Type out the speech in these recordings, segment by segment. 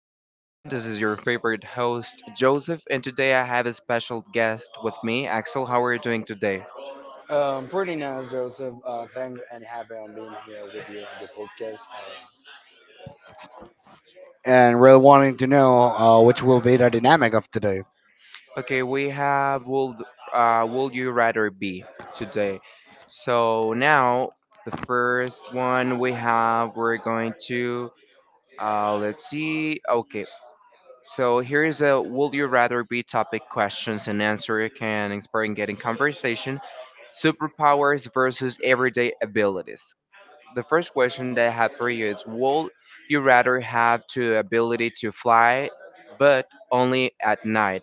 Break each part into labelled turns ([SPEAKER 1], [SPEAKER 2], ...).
[SPEAKER 1] podcast again. This is your favorite host, Joseph, and today I have a special guest with me, Axel. How are you doing today?
[SPEAKER 2] Pretty nice, Joseph. Thank and happy on being here with you on the podcast. And really wanting to know which will be the dynamic of today.
[SPEAKER 1] Okay, we have will You Rather Be today. So now, the first one we have, we're going to, let's see. Okay. So here is a would you rather be topic questions and answer can inspire and get in conversation, superpowers versus everyday abilities. The first question that I have for you is would you rather have the ability to fly but only at night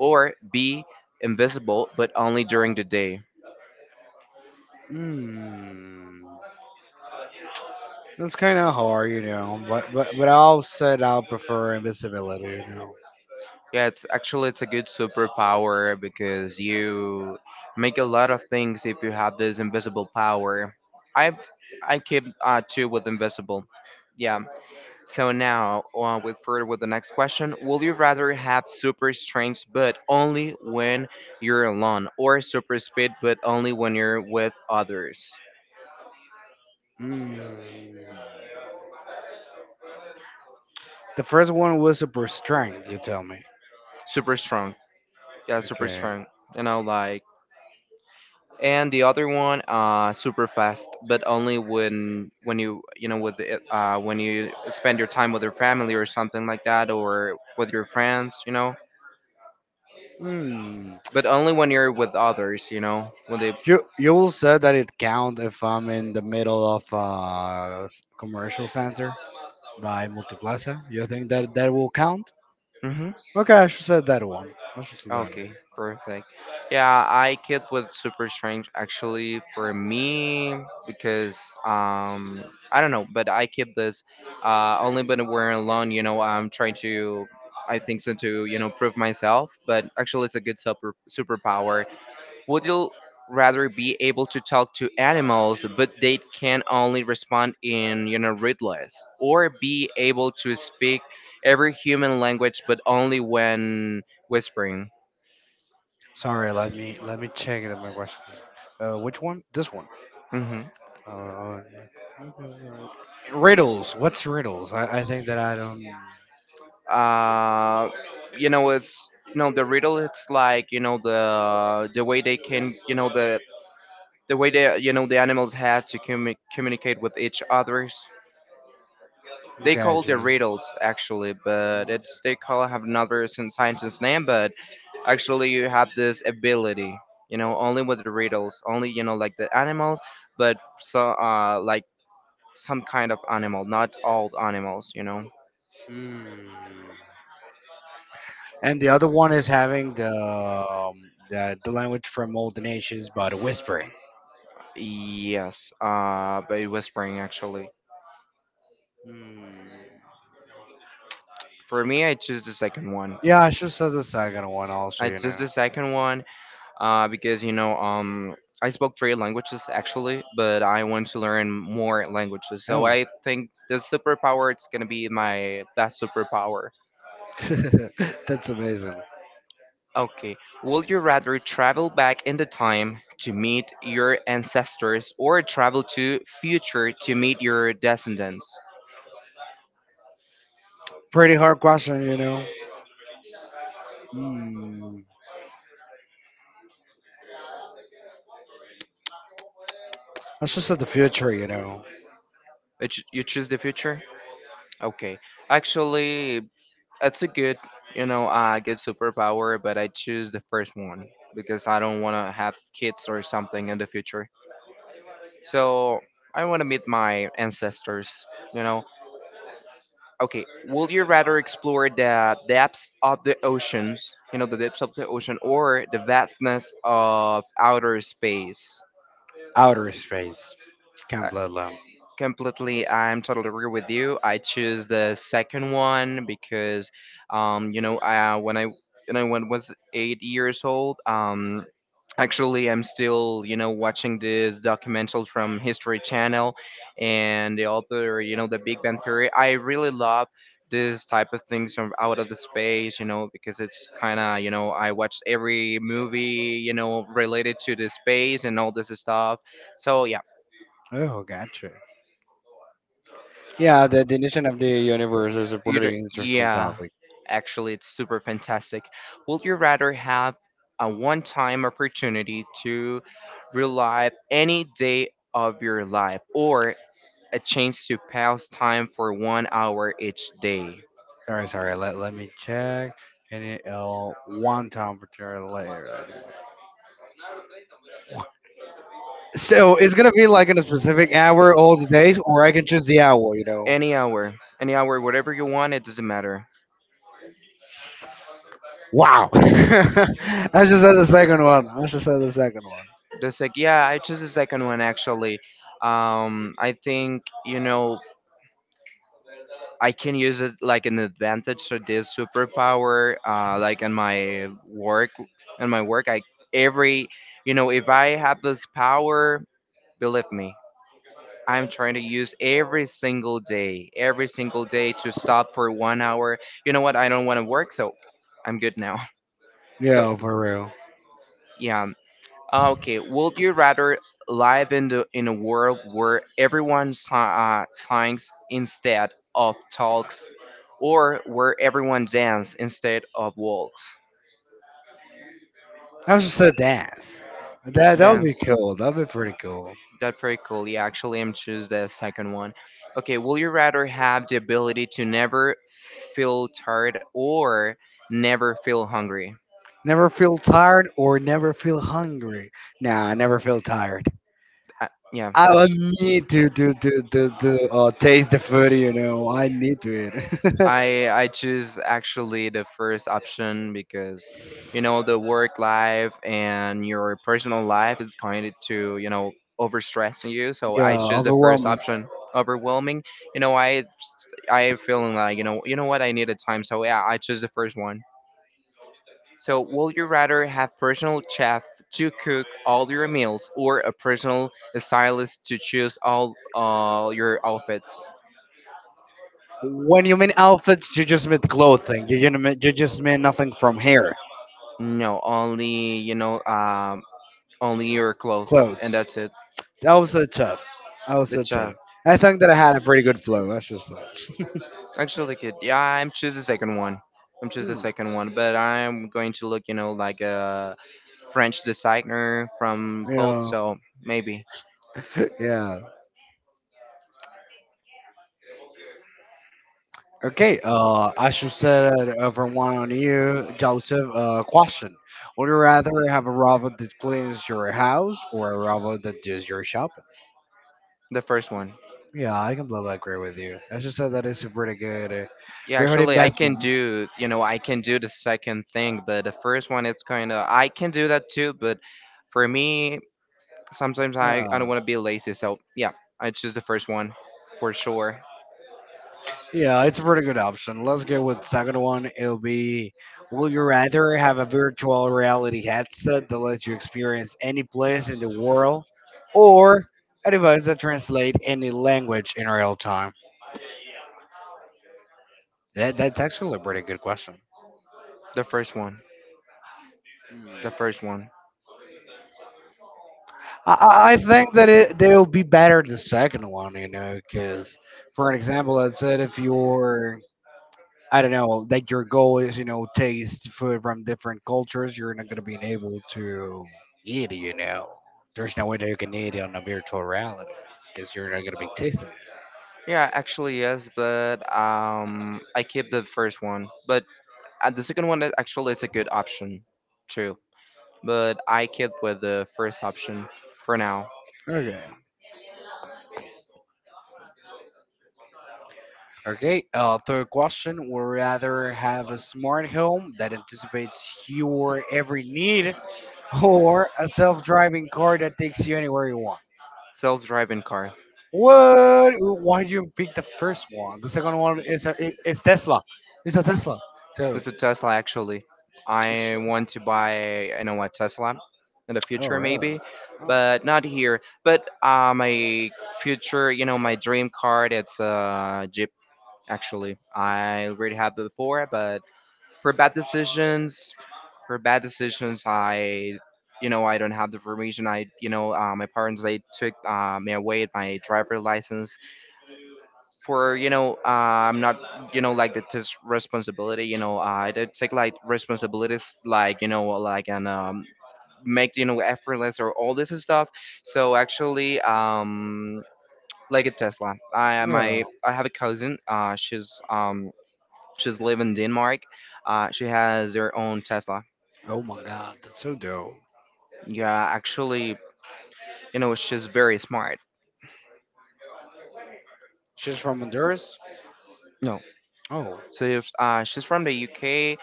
[SPEAKER 1] or be invisible but only during the day?
[SPEAKER 2] Hmm. That's kind of hard, you know. But I'll prefer invisibility, you know.
[SPEAKER 1] Yeah, it's actually it's a good superpower because you make a lot of things if you have this invisible power. I I keep two with invisible. Yeah. So now with further with the next question, will you rather have super strength but only when you're alone, or super speed but only when you're with others?
[SPEAKER 2] Hmm. The first one was super strength. You tell me.
[SPEAKER 1] Super strong. Yeah, super
[SPEAKER 2] Okay.
[SPEAKER 1] strong. You know, like and the other one super fast but only when you you know with the, when you spend your time with your family or something like that or with your friends, you know,
[SPEAKER 2] Hmm.
[SPEAKER 1] but only when you're with others, you know, when they.
[SPEAKER 2] You will say that it count if I'm in the middle of a commercial center by Multiplaza. You think that that will count?
[SPEAKER 1] Mhm.
[SPEAKER 2] Okay, I should say that one. I should say that one.
[SPEAKER 1] Okay, perfect. Yeah, I kid with Super Strange actually for me because um I don't know, but I keep this only when we're alone, you know, I'm trying to I think so to, you know, prove myself, but actually it's a good superpower. Would you rather be able to talk to animals but they can only respond in, you know, riddles or be able to speak every human language but only when whispering?
[SPEAKER 2] Sorry, let me check it. My question. Which one? This one.
[SPEAKER 1] Hmm.
[SPEAKER 2] Uh, Riddles. What's riddles? I think that I don't.
[SPEAKER 1] Uh, you know, it's you know the riddle. It's like you know the way they can you know the way they you know the animals have to communicate with each others. They call the
[SPEAKER 2] Gotcha.
[SPEAKER 1] riddles actually, but it's they call have another scientist's name. But actually, you have this ability. You know, only with the riddles, only you know like the animals, but so like some kind of animal, not all animals. You know.
[SPEAKER 2] Mm. And the other one is having the the language from all the nations, but whispering.
[SPEAKER 1] Yes. By whispering actually.
[SPEAKER 2] Mm.
[SPEAKER 1] For me, I choose the second one.
[SPEAKER 2] Yeah, I should say the second one also,
[SPEAKER 1] I
[SPEAKER 2] you
[SPEAKER 1] choose
[SPEAKER 2] know.
[SPEAKER 1] the second one because you know I spoke three languages actually, but I want to learn more languages. So
[SPEAKER 2] Oh,
[SPEAKER 1] I think the superpower is gonna be my best superpower.
[SPEAKER 2] that's amazing.
[SPEAKER 1] Okay, would you rather travel back in the time to meet your ancestors or travel to future to meet your descendants?
[SPEAKER 2] Pretty hard question, you know. Mm, that's just at the future, you know.
[SPEAKER 1] You choose the future. Okay, actually, it's a good, you know, good superpower, but I choose the first one because I don't want to have kids or something in the future. So I want to meet my ancestors, you know. Okay, would you rather explore the depths of the oceans, you know, the depths of the ocean, or the vastness of outer space?
[SPEAKER 2] Outer space. Can't let alone.
[SPEAKER 1] Completely, I'm totally agree with you. I choose the second one because, you know, when I you know when I was 8 years old, actually I'm still you know watching this documentary from History Channel, and the author, you know, the Big Bang Theory. I really love this type of things from out of the space, you know, because it's kind of you know I watch every movie, you know, related to the space and all this stuff. So yeah.
[SPEAKER 2] Oh, gotcha. Yeah, the definition of the universe is a
[SPEAKER 1] You do not
[SPEAKER 2] pretty interesting
[SPEAKER 1] yeah,
[SPEAKER 2] topic.
[SPEAKER 1] actually, it's super fantastic. Would you rather have a one time opportunity to relive any day of your life or a chance to pass time for 1 hour each day?
[SPEAKER 2] Sorry. Let me check. And it, one temperature later. So it's gonna be like in a specific hour all the days, or I can choose the hour, you know.
[SPEAKER 1] Any hour, any hour, whatever you want, it doesn't matter.
[SPEAKER 2] Wow. I just said the second one. I just said the second one.
[SPEAKER 1] The sec, yeah, I chose the second one actually. I think, you know, I can use it like an advantage so this superpower like in my work I every you know if I have this power believe me I'm trying to use every single day to stop for 1 hour you know what I don't want to work so I'm good now so
[SPEAKER 2] Yeah, for real.
[SPEAKER 1] yeah. Okay, would you rather live in the in a world where everyone sings instead of talks, or where everyone dances instead of walks?
[SPEAKER 2] That was just a dance. That that would be
[SPEAKER 1] Dance.
[SPEAKER 2] cool. That'd be pretty cool.
[SPEAKER 1] That's pretty cool. Yeah, actually, I'm choose the second one. Okay, will you rather have the ability to never feel tired or never feel hungry?
[SPEAKER 2] Never feel tired or never feel hungry. Nah, I never feel tired.
[SPEAKER 1] Uh, yeah,
[SPEAKER 2] I would
[SPEAKER 1] it's
[SPEAKER 2] need to taste the food. You know, I need to eat.
[SPEAKER 1] I choose actually the first option because you know the work life and your personal life is going to you know overstressing you. So
[SPEAKER 2] Yeah,
[SPEAKER 1] I choose the first
[SPEAKER 2] overwhelming.
[SPEAKER 1] option. Overwhelming, you know. I feeling like you know what I need a time. So yeah, I choose the first one. So will you rather have personal chef to cook all your meals or a personal stylist to choose all your outfits?
[SPEAKER 2] When you mean outfits, you just mean clothing. You just mean nothing from hair,
[SPEAKER 1] No, only you know only your clothes, and
[SPEAKER 2] clothes.
[SPEAKER 1] that's it.
[SPEAKER 2] That was so tough. That was
[SPEAKER 1] The
[SPEAKER 2] so tough.
[SPEAKER 1] job.
[SPEAKER 2] I think that I had a pretty good flow, I should say.
[SPEAKER 1] Actually, like it. Yeah, I'm choose the second one. I'm choose the
[SPEAKER 2] Hmm.
[SPEAKER 1] second one, but I'm going to look, you know, like a French designer from clothes.
[SPEAKER 2] Yeah.
[SPEAKER 1] So maybe
[SPEAKER 2] Yeah. Okay, I should set it over one on you, Joseph. Question: would you rather have a robot that cleans your house or a robot that does your shopping?
[SPEAKER 1] the first one.
[SPEAKER 2] Yeah, I completely agree with you. I should say that is a pretty good,
[SPEAKER 1] Yeah,
[SPEAKER 2] pretty good
[SPEAKER 1] actually, I can
[SPEAKER 2] investment.
[SPEAKER 1] do, you know, I can do the second thing, but the first one, it's kind of I can do that too. But for me, sometimes I don't
[SPEAKER 2] Yeah,
[SPEAKER 1] want to be lazy. So yeah, I choose the first one for sure.
[SPEAKER 2] yeah, it's a pretty good option. Let's go with the second one. It'll be: will you rather have a virtual reality headset that lets you experience any place in the world, or a device that translates any language in real time? That's actually a pretty good question.
[SPEAKER 1] The first one.
[SPEAKER 2] Hmm.
[SPEAKER 1] The first one.
[SPEAKER 2] I think that they'll be better the second one, you know, because for an example, I said if you're, I don't know, that your goal is, you know, taste food from different cultures, you're not going to be able to eat it, you know. There's no way that you can eat it on a virtual reality because you're not going to be tasting it.
[SPEAKER 1] Yeah, actually yes, but I keep the first one, but the second one is- actually is a good option too. But I keep with the first option for now.
[SPEAKER 2] Okay. Okay, third question. Would rather have a smart home that anticipates your every need or a self-driving car that takes you anywhere you want.
[SPEAKER 1] Self-driving car.
[SPEAKER 2] What? Why did you pick the first one? The second one is a is Tesla. It's a Tesla. So,
[SPEAKER 1] It's a Tesla actually. I want to buy, you know, a Tesla in the
[SPEAKER 2] oh
[SPEAKER 1] future
[SPEAKER 2] really?
[SPEAKER 1] maybe,
[SPEAKER 2] Oh,
[SPEAKER 1] but not here. But my future, you know, my dream car, it's a Jeep actually. I already have it before, but for bad decisions, for bad decisions, I, you know, I don't have the permission. I, you know, my parents they took me away my driver license for, you know, I'm not, you know, like the responsibility. You know, I did take like responsibilities, like you know, like and make you know effortless or all this stuff. So actually, like a Tesla,
[SPEAKER 2] yeah.
[SPEAKER 1] I have a cousin. She's live in Denmark. She has their own Tesla.
[SPEAKER 2] Oh my God, that's so dope.
[SPEAKER 1] Yeah, actually, you know, she's very smart.
[SPEAKER 2] She's from Honduras.
[SPEAKER 1] No,
[SPEAKER 2] Oh,
[SPEAKER 1] so she's from the UK,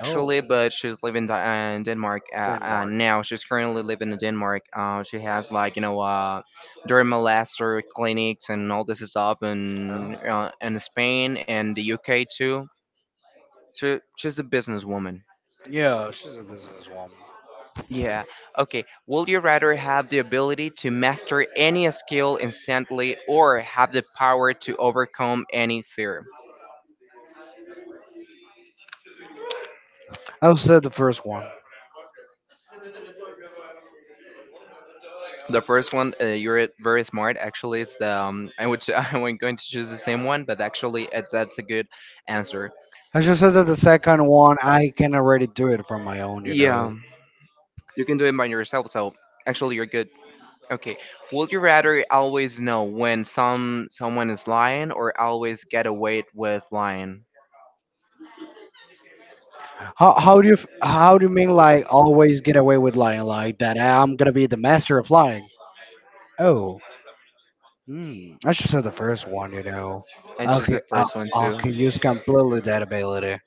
[SPEAKER 2] oh,
[SPEAKER 1] but she's living in in Denmark
[SPEAKER 2] Denmark.
[SPEAKER 1] now. She's currently living in Denmark. She has like you know, dermalaser clinics and all this stuff
[SPEAKER 2] Oh.
[SPEAKER 1] in Spain and the UK too. She's a businesswoman.
[SPEAKER 2] Yeah, she's a businesswoman.
[SPEAKER 1] Yeah. Okay. Would you rather have the ability to master any skill instantly or have the power to overcome any fear?
[SPEAKER 2] I said the first one.
[SPEAKER 1] The first one, you're very smart. Actually, it's the I would I was going to choose the same one, but actually, it, that's a good answer.
[SPEAKER 2] I just said that the second one, I can already do it from my own, you know.
[SPEAKER 1] Yeah, you can do it by yourself. So actually, you're good. Okay. Would you rather always know when someone is lying, or always get away with lying?
[SPEAKER 2] How do you how do you mean like always get away with lying, like that I'm gonna be the master of lying? Oh, hmm. I should say the first one. You know,
[SPEAKER 1] I
[SPEAKER 2] I
[SPEAKER 1] choose
[SPEAKER 2] could
[SPEAKER 1] the
[SPEAKER 2] I,
[SPEAKER 1] first one
[SPEAKER 2] I
[SPEAKER 1] too.
[SPEAKER 2] could use completely that ability.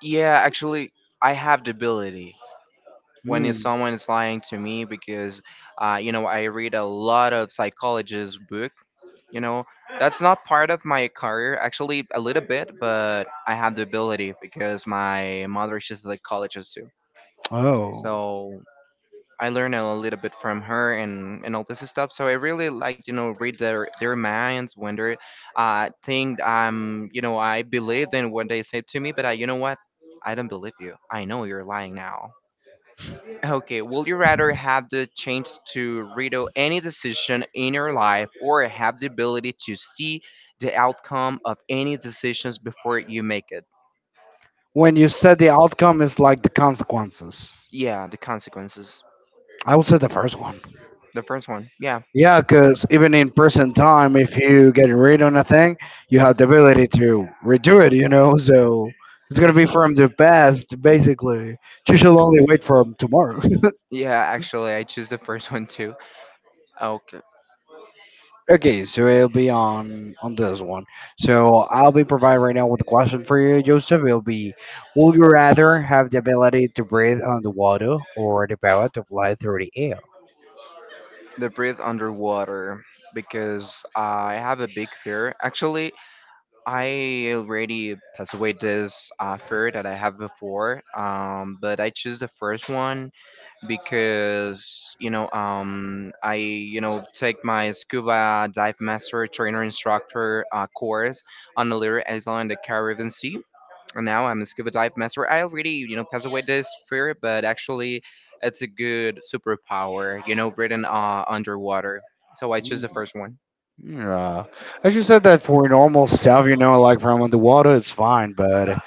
[SPEAKER 1] Yeah, actually, I have the ability when if
[SPEAKER 2] Hmm.
[SPEAKER 1] someone is lying to me because, you know, I read a lot of psychologist book. You know, that's not part of my career, actually, a little bit, but I have the ability because my mother, she's like college too.
[SPEAKER 2] Oh.
[SPEAKER 1] So I learn a little bit from her and all this stuff. So I really like, you know, read their minds when they're think, you know, I believed in what they said to me, but I, you know what? I don't believe you. I know you're lying now. Okay, will you rather have the chance to redo any decision in your life or have the ability to see the outcome of any decisions before you make it?
[SPEAKER 2] When you said the outcome is like the consequences.
[SPEAKER 1] Yeah, the consequences.
[SPEAKER 2] I will say the first one.
[SPEAKER 1] The first one. Yeah.
[SPEAKER 2] Yeah, because even in person time, if you get rid on a thing, you have the ability to redo it, you know? So it's going to be from the past, basically. You should only wait for tomorrow.
[SPEAKER 1] Yeah, actually, I choose the first one too. Okay.
[SPEAKER 2] Okay, so it'll be on this one. So I'll be providing right now with a question for you, Joseph. It'll be, would you rather have the ability to breathe underwater or the power to fly through the air?
[SPEAKER 1] The breathe underwater because I have a big fear. Actually, I already passed away this fear that I have before. But I choose the first one because you know I you know take my scuba dive master trainer instructor course on the Little Island in the Caribbean Sea. And now I'm a scuba dive master. I already you know pass away this fear, but actually it's a good superpower. You know, written underwater. So I choose
[SPEAKER 2] Mm,
[SPEAKER 1] the first one.
[SPEAKER 2] yeah, I just said that for normal stuff, you know, like from underwater, it's fine, but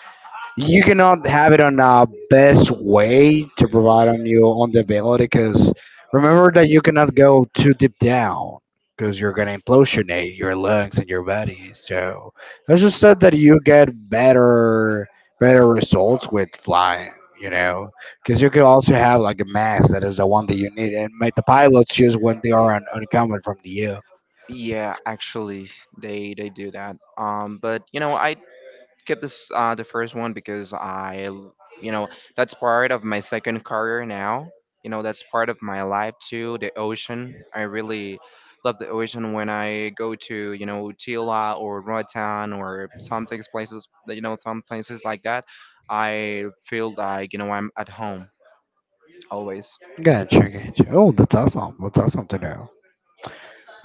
[SPEAKER 2] you cannot have it on a best way to provide on you on the ability, because remember that you cannot go too deep down because you're gonna implosionate your lungs and your body. So I just said that you get better better results with flying, you know, because you can also have like a mask that is the one that you need and make the pilots use when they are uncommon from the earth.
[SPEAKER 1] Yeah, actually, they do that. But you know, I keep this the first one because you know, that's part of my second career now. You know, that's part of my life too. The ocean, I really love the ocean. When I go to, Tila or Roatan or some things places, some places like that, I feel like I'm at home always.
[SPEAKER 2] Gotcha, gotcha. Oh, that's awesome. That's awesome to know.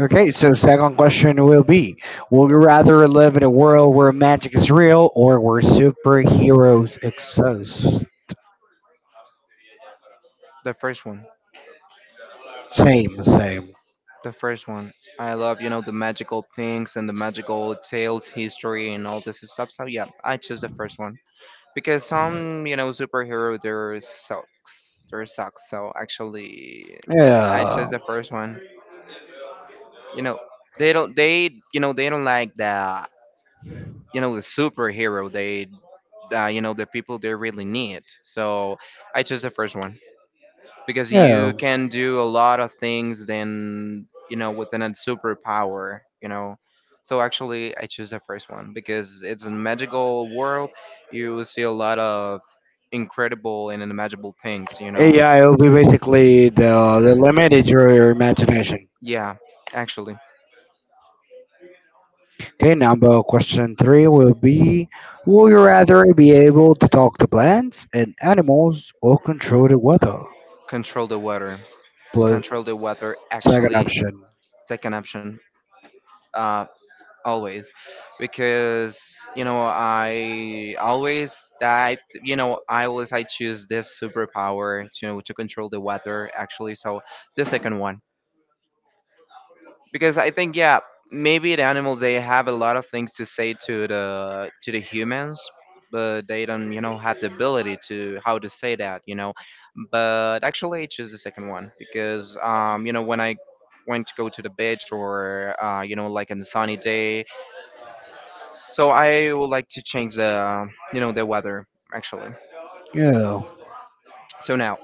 [SPEAKER 2] Okay, so second question will be, would you rather live in a world where magic is real or where superheroes exist?
[SPEAKER 1] The first one,
[SPEAKER 2] Same, same.
[SPEAKER 1] the first one. I love the magical things and the magical tales, history, and all this stuff. So yeah, I choose the first one. Because some superhero their sucks so actually I
[SPEAKER 2] Yeah,
[SPEAKER 1] chose the first one. you know they don't they they don't like the the superhero, they the people they really need. So I chose the first one, because
[SPEAKER 2] yeah.
[SPEAKER 1] you can do a lot of things than, within a superpower. So actually I choose the first one because it's a magical world. You will see a lot of incredible and unimaginable things,
[SPEAKER 2] AI will be basically the limit is your imagination.
[SPEAKER 1] yeah, actually,
[SPEAKER 2] Okay, number question three will be, will you rather be able to talk to plants and animals or control the weather?
[SPEAKER 1] control the weather,
[SPEAKER 2] Plus,
[SPEAKER 1] control the weather
[SPEAKER 2] second
[SPEAKER 1] actually,
[SPEAKER 2] option.
[SPEAKER 1] second option. Uh always because I always that, I always, I choose this superpower to, to control the weather actually. So the second one, because I think yeah, maybe the animals they have a lot of things to say to the humans, but they don't have the ability to how to say that, but actually I choose the second one because when I went to go to the beach, or like on a sunny day, so I would like to change the, the weather actually.
[SPEAKER 2] Yeah.
[SPEAKER 1] So now,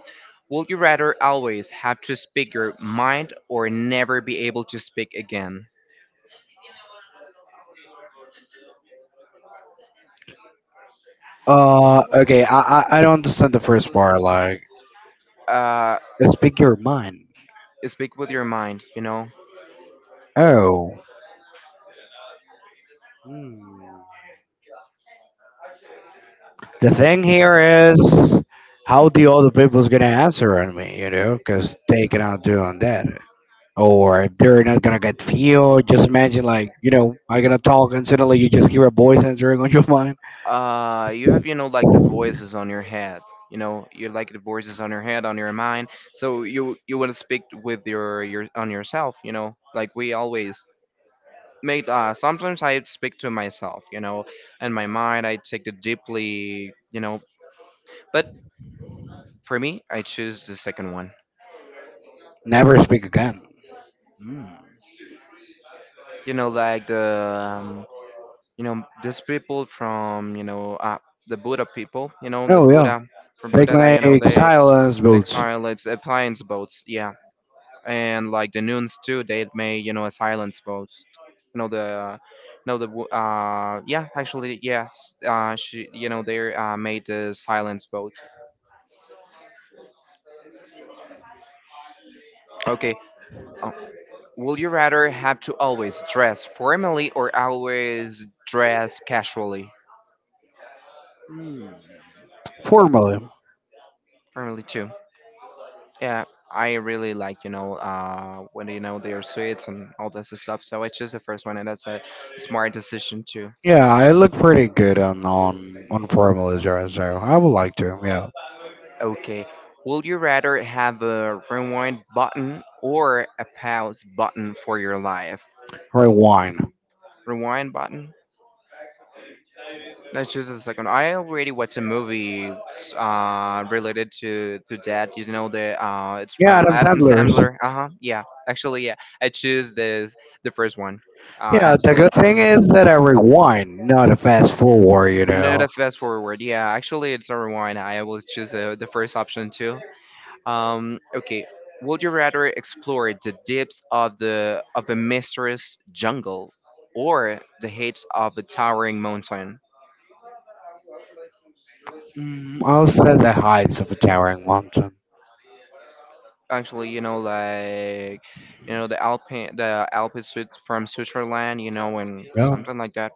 [SPEAKER 1] would you rather always have to speak your mind or never be able to speak again?
[SPEAKER 2] Okay, I don't understand the first part. Like,
[SPEAKER 1] Uh,
[SPEAKER 2] speak your mind.
[SPEAKER 1] Speak with your mind,
[SPEAKER 2] Oh. Hmm. The thing here is how the other people's gonna answer on me, you know, because they cannot do on that. Or if they're not gonna get feel, just imagine like, you know, I gonna talk and suddenly you just hear a voice entering on your mind.
[SPEAKER 1] You have, like the voices on your head. You know, you like the voices on your head, on your mind. So you want to speak with your on yourself. You know, like we always made. Sometimes I speak to myself. You know, and my mind. I take it deeply. You know, but for me, I choose the second one.
[SPEAKER 2] Never speak again. Hmm.
[SPEAKER 1] You know, like the these people from, the Buddha people. You know the
[SPEAKER 2] Oh yeah.
[SPEAKER 1] Buddha, from
[SPEAKER 2] Take
[SPEAKER 1] Buddha. That,
[SPEAKER 2] my
[SPEAKER 1] you know, they
[SPEAKER 2] silence
[SPEAKER 1] they
[SPEAKER 2] boots.
[SPEAKER 1] silence, silence boats. Yeah, and like the nuns too. They made, you know, a silence boat. You know the, you know the yeah actually yes, she, you know, they, made the silence boat. Okay, uh, will you rather have to always dress formally or always dress casually?
[SPEAKER 2] Formally.
[SPEAKER 1] Family too. Yeah, I really like, you know, when, you know, they are sweets and all this stuff. So I chose the first one, and that's a smart decision too.
[SPEAKER 2] Yeah, I look pretty good on on formally dress, so I would like to, yeah.
[SPEAKER 1] Okay, would you rather have a rewind button or a pause button for your life?
[SPEAKER 2] For a wine.
[SPEAKER 1] Rewind button. Let's choose the second. I already watched a movie related to that. You know the it's
[SPEAKER 2] Yeah,
[SPEAKER 1] from
[SPEAKER 2] Adam
[SPEAKER 1] Adam
[SPEAKER 2] Sandler's.
[SPEAKER 1] Sandler. Uh huh. Yeah. Actually, yeah. I choose this, the first one.
[SPEAKER 2] Yeah, the good
[SPEAKER 1] Absolutely.
[SPEAKER 2] thing is that I rewind, not a fast forward, you
[SPEAKER 1] Not a
[SPEAKER 2] know.
[SPEAKER 1] fast forward. Yeah, actually, it's a rewind. I will choose the first option too. Okay. Would you rather explore the depths of the of a mysterious jungle or the heights of a towering mountain?
[SPEAKER 2] Mm, also the heights of a towering mountain.
[SPEAKER 1] Actually, you know, like, you know the Alpine suite from Switzerland, you know, and
[SPEAKER 2] Yeah.
[SPEAKER 1] something like that.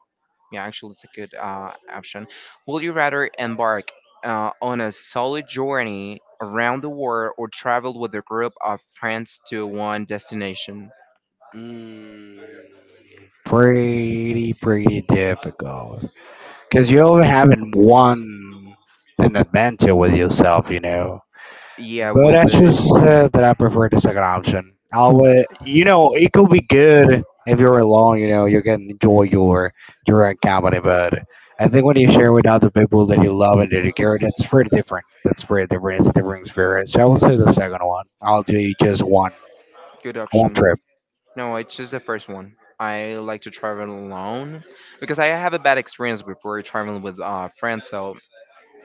[SPEAKER 1] Yeah, actually, it's a good option. Would you rather embark on a solo journey around the world or travel with a group of friends to one destination?
[SPEAKER 2] Mm, pretty, pretty difficult. Because you're having one an adventure with yourself, you know.
[SPEAKER 1] Yeah,
[SPEAKER 2] But
[SPEAKER 1] with
[SPEAKER 2] that's
[SPEAKER 1] the
[SPEAKER 2] just that I prefer the second option. I'll, you know, it could be good if you're alone. You know, you can enjoy your own company. But I think when you share with other people that you love and that you care, that's pretty different. That's pretty different. It's a different experience. So I will say the second one. I'll do just one
[SPEAKER 1] good
[SPEAKER 2] one
[SPEAKER 1] option.
[SPEAKER 2] trip.
[SPEAKER 1] No, I choose the first one. I like to travel alone because I have a bad experience before traveling with friends, so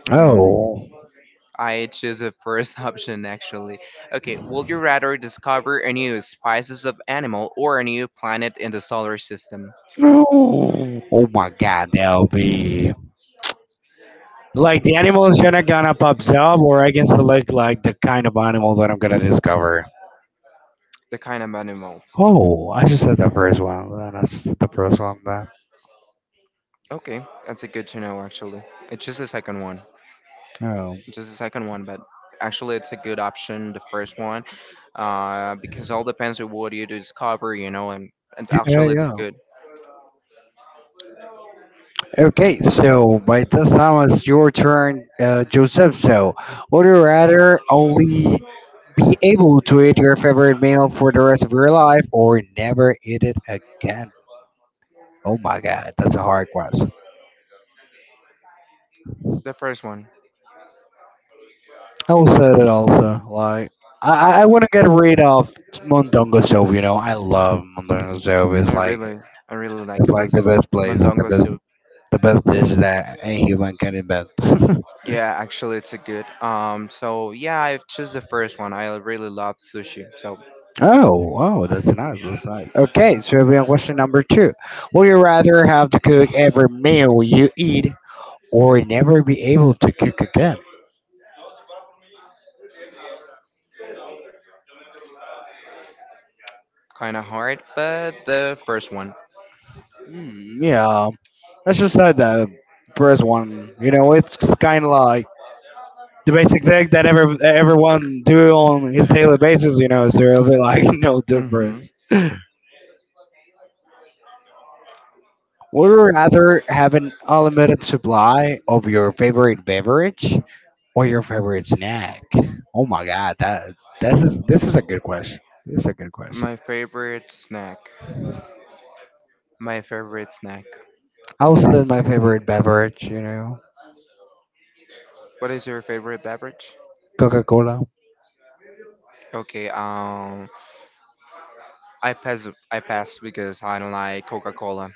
[SPEAKER 1] mm-mm.
[SPEAKER 2] Oh,
[SPEAKER 1] I choose the first option actually. Okay, would you rather discover a new species of animal or a new planet in the solar system?
[SPEAKER 2] no! Oh my God, that'll be like the animals that are gonna pops up, or I can select like the kind of animal that I'm gonna discover.
[SPEAKER 1] The kind of animal.
[SPEAKER 2] Oh, I just said the first one then. I just said the first one then.
[SPEAKER 1] Okay, that's a good to know actually. It's just the second one.
[SPEAKER 2] Oh.
[SPEAKER 1] Just the second one, but actually it's a good option, the first one. Because all depends on what you discover, you know, and
[SPEAKER 2] Yeah,
[SPEAKER 1] actually it's a
[SPEAKER 2] yeah.
[SPEAKER 1] good,
[SPEAKER 2] Okay, so by this time it's your turn, Joseph. So, would you rather only be able to eat your favorite meal for the rest of your life or never eat it again? Oh my god, that's a hard question.
[SPEAKER 1] the first one.
[SPEAKER 2] I will say that also. Like, I want to get rid of Mondongo Soap, you know. I love Mondongo Soap.
[SPEAKER 1] I really, I really like
[SPEAKER 2] It's
[SPEAKER 1] it
[SPEAKER 2] like
[SPEAKER 1] this
[SPEAKER 2] the best place,
[SPEAKER 1] Mondongo soup.
[SPEAKER 2] the best dish that a human can invent.
[SPEAKER 1] Yeah, actually it's a good. So yeah, I choose the first one. I really love sushi. So
[SPEAKER 2] Oh, wow, that's nice. That's nice. Okay, so we have question number two. Would you rather have to cook every meal you eat or never be able to cook again?
[SPEAKER 1] kinda hard, but the first one.
[SPEAKER 2] Mm, yeah, I just say the first one. You know, it's kind of like the basic thing that every, everyone do on his daily basis. You know, so it'll be like no
[SPEAKER 1] Mm-hmm.
[SPEAKER 2] difference. Would you rather have an unlimited supply of your favorite beverage or your favorite snack? Oh my god, that this is a good question. This is a good question.
[SPEAKER 1] My favorite snack. My favorite snack.
[SPEAKER 2] I'll say my favorite beverage, you know,
[SPEAKER 1] What is your favorite beverage?
[SPEAKER 2] Coca Cola.
[SPEAKER 1] Okay, I pass. I pass because I don't like Coca-Cola.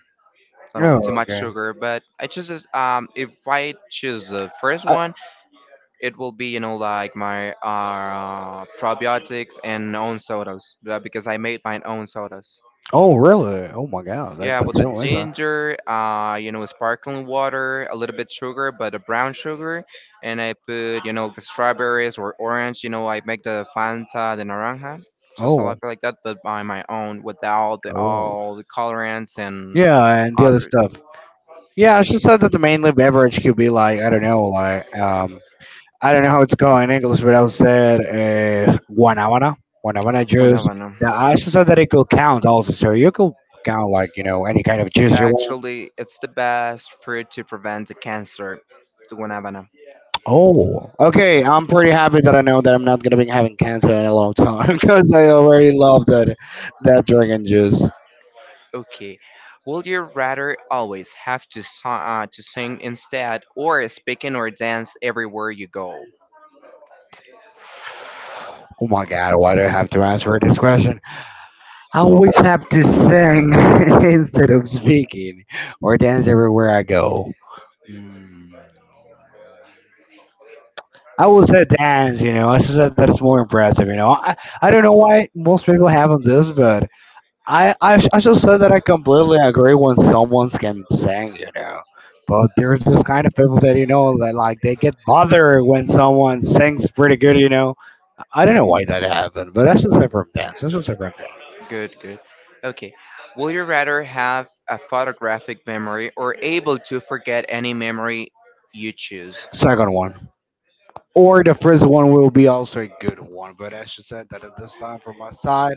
[SPEAKER 1] I
[SPEAKER 2] Oh
[SPEAKER 1] don't too much
[SPEAKER 2] okay.
[SPEAKER 1] sugar. But if I choose the first
[SPEAKER 2] Uh,
[SPEAKER 1] one, it will be, you know, like my probiotics and own sodas, because I made my own sodas.
[SPEAKER 2] oh really? Oh my god, that
[SPEAKER 1] Yeah,
[SPEAKER 2] that's
[SPEAKER 1] with the
[SPEAKER 2] so interesting.
[SPEAKER 1] ginger, you know, sparkling water, a little bit sugar, but a brown sugar, and I put, you know, the strawberries or orange. You know, I make the Fanta de naranja, just a
[SPEAKER 2] Oh.
[SPEAKER 1] lot like that, but by my own, without the,
[SPEAKER 2] Oh
[SPEAKER 1] all the colorants and
[SPEAKER 2] yeah, and the other
[SPEAKER 1] other.
[SPEAKER 2] stuff. Yeah, I should say that the mainly beverage could be like I don't know, like I don't know how it's called in English, but I would say guanabana, guanabana juice.
[SPEAKER 1] Guanabana.
[SPEAKER 2] Now, I should say that it could count also, so you could count like you know any kind of
[SPEAKER 1] Yeah,
[SPEAKER 2] juice you want.
[SPEAKER 1] actually, it's the best fruit to prevent the cancer, the guanabana.
[SPEAKER 2] Oh, okay. I'm pretty happy that I know that I'm not gonna be having cancer in a long time because I already love that that dragon juice.
[SPEAKER 1] Okay. Would you rather always have to, to sing instead, or speak in, or dance everywhere you go?
[SPEAKER 2] Oh my god, why do I have to answer this question? I always have to sing instead of speaking or dance everywhere I go. Hmm. I will say dance, you know. I said that that is more impressive, you know. I don't know why most people haven't this, but I just said that I completely agree when someone's getting sang, you know. But there's this kind of people that you know that like they get bothered when someone sings pretty good, you know. I don't know
[SPEAKER 1] Mm,
[SPEAKER 2] why that happened, but that's just different dance. That's just different dance.
[SPEAKER 1] good, good. Okay. Would you rather have a photographic memory or able to forget any memory you choose?
[SPEAKER 2] Second one. Or the first one will be also a good one, but as you said that at this time from my side,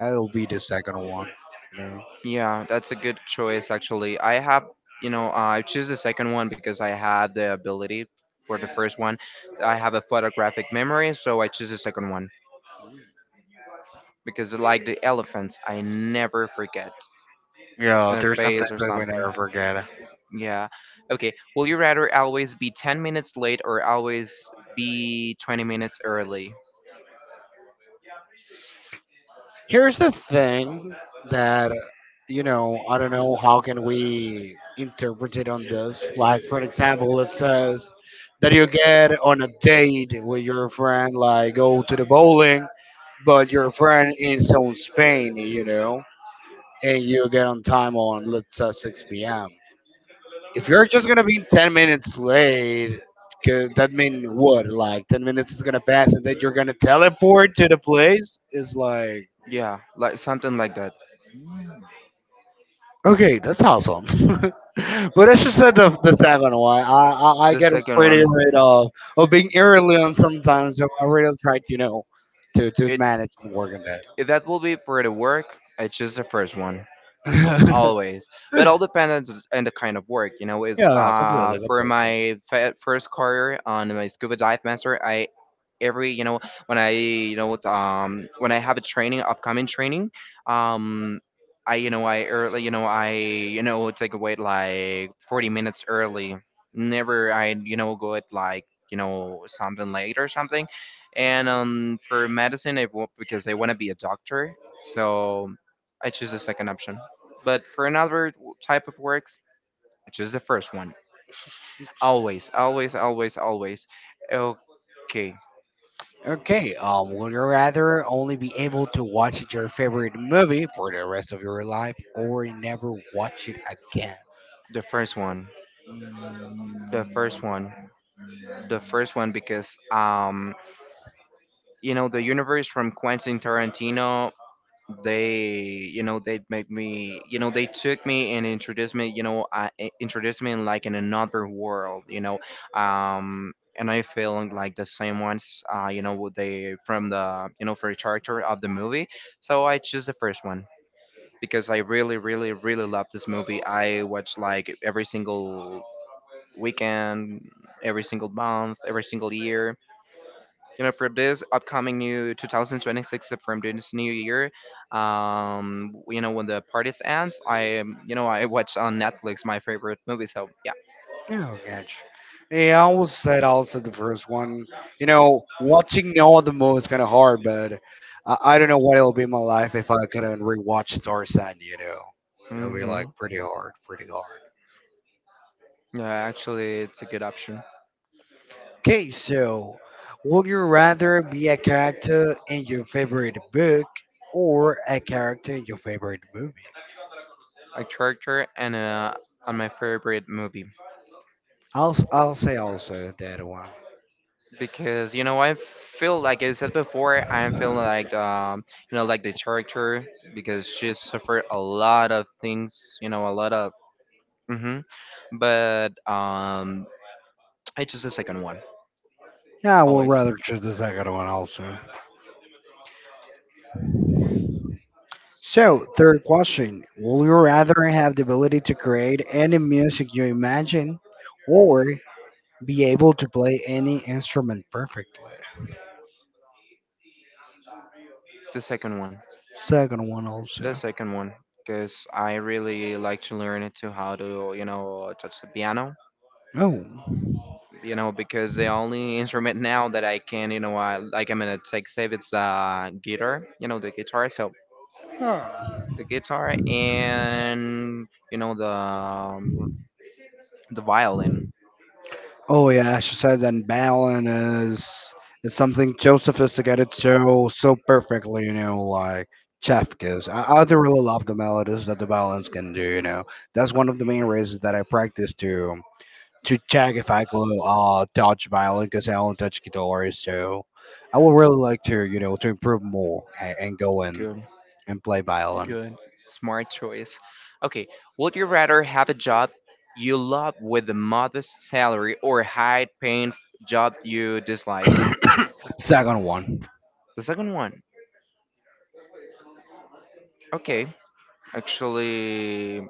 [SPEAKER 2] it'll be the second one. You know?
[SPEAKER 1] Yeah, that's a good choice actually. I have, you know, I choose the second one because I have the ability for the first one. I have a photographic memory, so I choose the second one because like the elephants, I never forget
[SPEAKER 2] Yeah,
[SPEAKER 1] a
[SPEAKER 2] there's some
[SPEAKER 1] face
[SPEAKER 2] things
[SPEAKER 1] or
[SPEAKER 2] that we
[SPEAKER 1] something.
[SPEAKER 2] never forget.
[SPEAKER 1] Yeah. Okay. Will you rather always be 10 minutes late or always be 20 minutes early?
[SPEAKER 2] Here's the thing that I don't know how can we interpret it on this. Like for example, it says that you get on a date with your friend, like go to the bowling, but your friend is on Spain, you know, and you get on time on let's say 6 p.m. If you're just gonna be 10 minutes late, 'cause that mean what? Like 10 minutes is gonna pass, and then you're gonna teleport to the place? Is like
[SPEAKER 1] Yeah, like something like that.
[SPEAKER 2] okay, that's awesome. But as you said, the second one, I
[SPEAKER 1] The
[SPEAKER 2] get
[SPEAKER 1] second
[SPEAKER 2] pretty
[SPEAKER 1] one,
[SPEAKER 2] rid of being early sometimes, so I really try to, you know, to
[SPEAKER 1] it
[SPEAKER 2] manage and work on
[SPEAKER 1] that will be for the work. It's just the first one
[SPEAKER 2] that.
[SPEAKER 1] always, but all depends on the kind of work. You know, it's
[SPEAKER 2] Yeah, completely,
[SPEAKER 1] for
[SPEAKER 2] completely.
[SPEAKER 1] my first career on my scuba dive master, I, every, you know, when I, you know, it's, when I have a training upcoming training, um I, you know, I early, you know, I, you know, take away like 40 minutes early, never I, you know, go at like, you know, something late or something. And for medicine, because I want to be a doctor, so I choose the second option, but for another type of works, I choose the first one, always, always, always, always. Okay,
[SPEAKER 2] Okay, would you rather only be able to watch your favorite movie for the rest of your life or never watch it again?
[SPEAKER 1] the first one. The first one. The first one, because you know the universe from Quentin Tarantino, they, you know, they make me, you know, they took me and introduced me, you know, introduced me in like in another world, you know. um and I feel like the same ones, you know what they from the, you know, for the character of the movie. So I choose the first one because I really, really, really love this movie. I watch like every single weekend, every single month, every single year. You know, for this upcoming new 2026, from this new year, you know, when the parties ends, I, you know, I watch on Netflix my favorite movie. So yeah.
[SPEAKER 2] Oh, gotcha. Yeah, I always said also the first one. You know, watching all the movie is kind of hard, but I don't know what it'll be in my life if I couldn't rewatch Tarzan. You know, it'll be like
[SPEAKER 1] Hmm.
[SPEAKER 2] pretty hard, pretty hard.
[SPEAKER 1] Yeah, actually, it's a good option.
[SPEAKER 2] Okay, so would you rather be a character in your favorite book or a character in your favorite movie?
[SPEAKER 1] A character and a on my favorite movie,
[SPEAKER 2] I'll say also that one.
[SPEAKER 1] because you know I feel like I said before, I feel like, you know, like the character, because she suffered a lot of things, you know, a lot of, hmm. But I choose the second one
[SPEAKER 2] Yeah, I would
[SPEAKER 1] always.
[SPEAKER 2] rather choose the second one also. So, third question. Would you rather have the ability to create any music you imagine or be able to play any instrument perfectly?
[SPEAKER 1] The second one,
[SPEAKER 2] Second one
[SPEAKER 1] the
[SPEAKER 2] also.
[SPEAKER 1] second one, because I really like to learn it to how to, you know, touch the piano.
[SPEAKER 2] Oh.
[SPEAKER 1] You know because the only instrument now that I can, you know, I like, I'm gonna take save, it's guitar. You know the guitar. So
[SPEAKER 2] Huh.
[SPEAKER 1] the guitar, and you know the violin.
[SPEAKER 2] Oh, yeah, she said that balance is something so sophisticated, so so perfectly, you know, like chef gives. I do really love the melodies that the balance can do, you know. That's one of the main reasons that I practice too, to check if I can touch violin because I only touch guitar. So I would really like to, you know, to improve more and go in
[SPEAKER 1] Good.
[SPEAKER 2] and play violin.
[SPEAKER 1] Good. Smart choice. Okay. Would you rather have a job you love with a modest salary or a high paying job you dislike?
[SPEAKER 2] Second one.
[SPEAKER 1] The second one. Okay. Actually,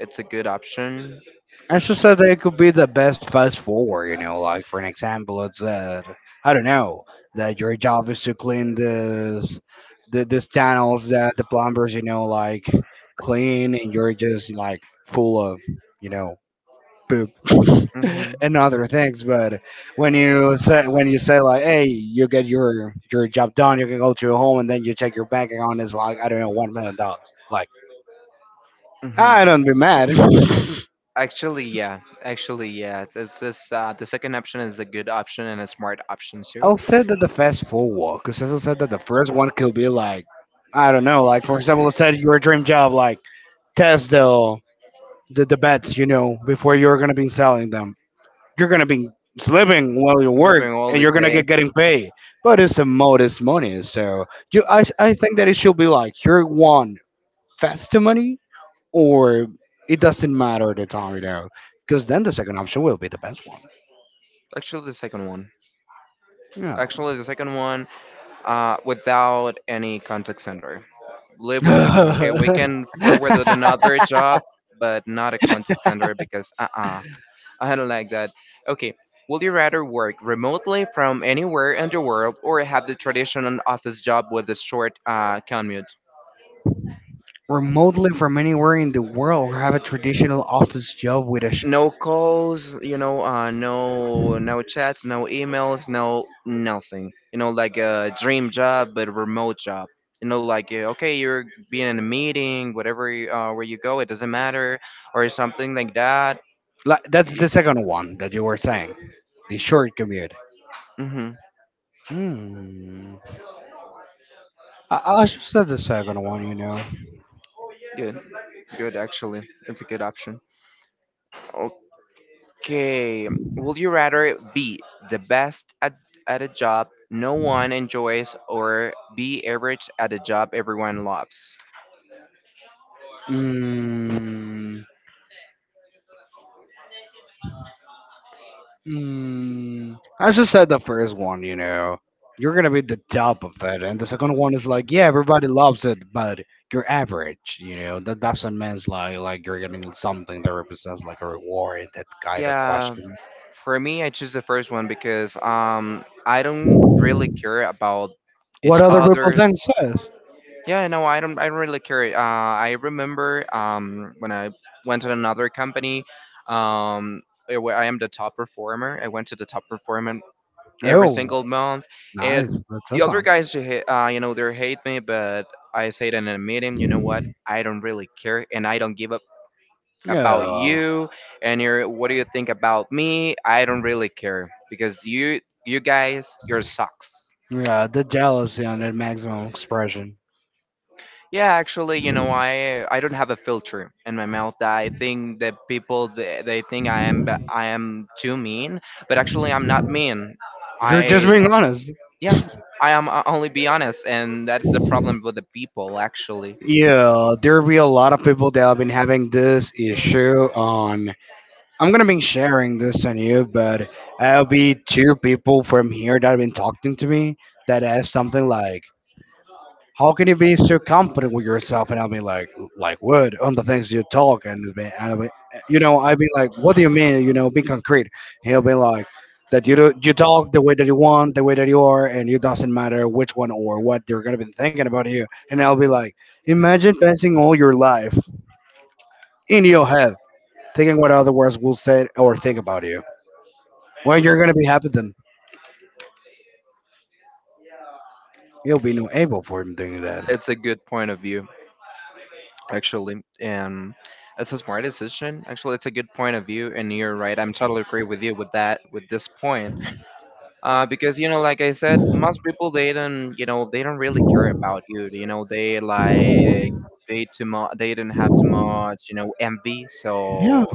[SPEAKER 1] it's a good option.
[SPEAKER 2] And she said that it could be the best fast forward, you know, like for an example, it's that, I don't know, that your job is to clean this, the, this tunnels that the plumbers, you know, like clean and you're just like full of, you know, poop
[SPEAKER 1] Mm-hmm.
[SPEAKER 2] and other things. But when you say like, hey, you get your job done, you can go to your home, and then you check your bank account is like I don't know $1 million. Like I don't be
[SPEAKER 1] Mm-hmm.
[SPEAKER 2] mad.
[SPEAKER 1] Actually, yeah. Actually, yeah. This is, the second option is a good option and a smart option too.
[SPEAKER 2] I'll say that the fast forward because as I said that the first one could be like I don't know, like for example, let's say your dream job like test the the bets you know before you're gonna be selling them, you're gonna be living while you work
[SPEAKER 1] Sleeping all
[SPEAKER 2] and
[SPEAKER 1] the
[SPEAKER 2] you're gonna
[SPEAKER 1] day.
[SPEAKER 2] get getting paid, but it's a modest money. So you, I think that it should be like you want fast money, or it doesn't matter the time, you know, because then the second option will be the best one.
[SPEAKER 1] Actually, the second one.
[SPEAKER 2] Yeah.
[SPEAKER 1] Actually, the second one. Without any contact center. Live with that. Okay, we can forward with another job, but not a contact center because I don't like that. Okay, would you rather work remotely from anywhere in the world or have the traditional office job with a short commute?
[SPEAKER 2] Remotely from anywhere in the world or have a traditional office job with a sh-
[SPEAKER 1] No calls, you know, no chats, no emails, no nothing. You know, like a dream job, but a remote job. You know, like okay, you're being in a meeting, whatever, where you go, it doesn't matter or something like that.
[SPEAKER 2] like, that's the second one that you were saying, the short commute.
[SPEAKER 1] Mm-hmm.
[SPEAKER 2] Hmm. I should say the second one, you know.
[SPEAKER 1] Good. Good, actually. It's a good option. Okay. Would you rather be the best at a job no one enjoys or be average at a job everyone loves?
[SPEAKER 2] Mm, mm, as I just said, the first one, you know, you're gonna be the top of it, and the second one is like, yeah, everybody loves it, but you're average, you know. That doesn't mean like you're getting something that represents like a reward. That kind of
[SPEAKER 1] Yeah,
[SPEAKER 2] question.
[SPEAKER 1] for me, I choose the first one because I don't really care about
[SPEAKER 2] What
[SPEAKER 1] each
[SPEAKER 2] other people
[SPEAKER 1] other.
[SPEAKER 2] think says?
[SPEAKER 1] Yeah, no, I don't. I don't really care. I remember when I went to another company, um, where I am the top performer. I went to the top performer every
[SPEAKER 2] Oh,
[SPEAKER 1] single month, and
[SPEAKER 2] nice. That's
[SPEAKER 1] the other
[SPEAKER 2] awesome.
[SPEAKER 1] guys, who you know, they hate me, but I say that in a meeting. You know what? I don't really care, and I don't give up about
[SPEAKER 2] Yeah,
[SPEAKER 1] you. And your what do you think about me? I don't really care because you guys, you're socks.
[SPEAKER 2] yeah. The jealousy on that maximum expression.
[SPEAKER 1] Yeah, actually, you know, I don't have a filter in my mouth. I think that people they think I am I am too mean, but actually I'm not mean.
[SPEAKER 2] You're just
[SPEAKER 1] I
[SPEAKER 2] being honest.
[SPEAKER 1] yeah, I am I only be honest, and that's the problem with the people. Actually,
[SPEAKER 2] Yeah, there will be a lot of people that have been having this issue on. I'm gonna be sharing this on you, but I'll be two people from here that have been talking to me that asked something like, how can you be so confident with yourself? And I'll be like what on the things you talk? And it'll be- and I'll be, you know, I'll be like, what do you mean? You know, be concrete. He'll be like, that you do, you talk the way that you want, the way that you are, and it doesn't matter which one or what they're gonna be thinking about you. And I'll be like, imagine passing all your life in your head, thinking what other words will say or think about you. When you're gonna be happy, then you'll be no able for him doing that.
[SPEAKER 1] it's a good point of view. Actually, and it's a smart decision. Actually, it's a good point of view, and you're right. I'm totally agree with you with that with this point. Because you know like I said most people they don't you know they don't really care about you you know they like they too much they do not have too much you know envy
[SPEAKER 2] Yeah,
[SPEAKER 1] so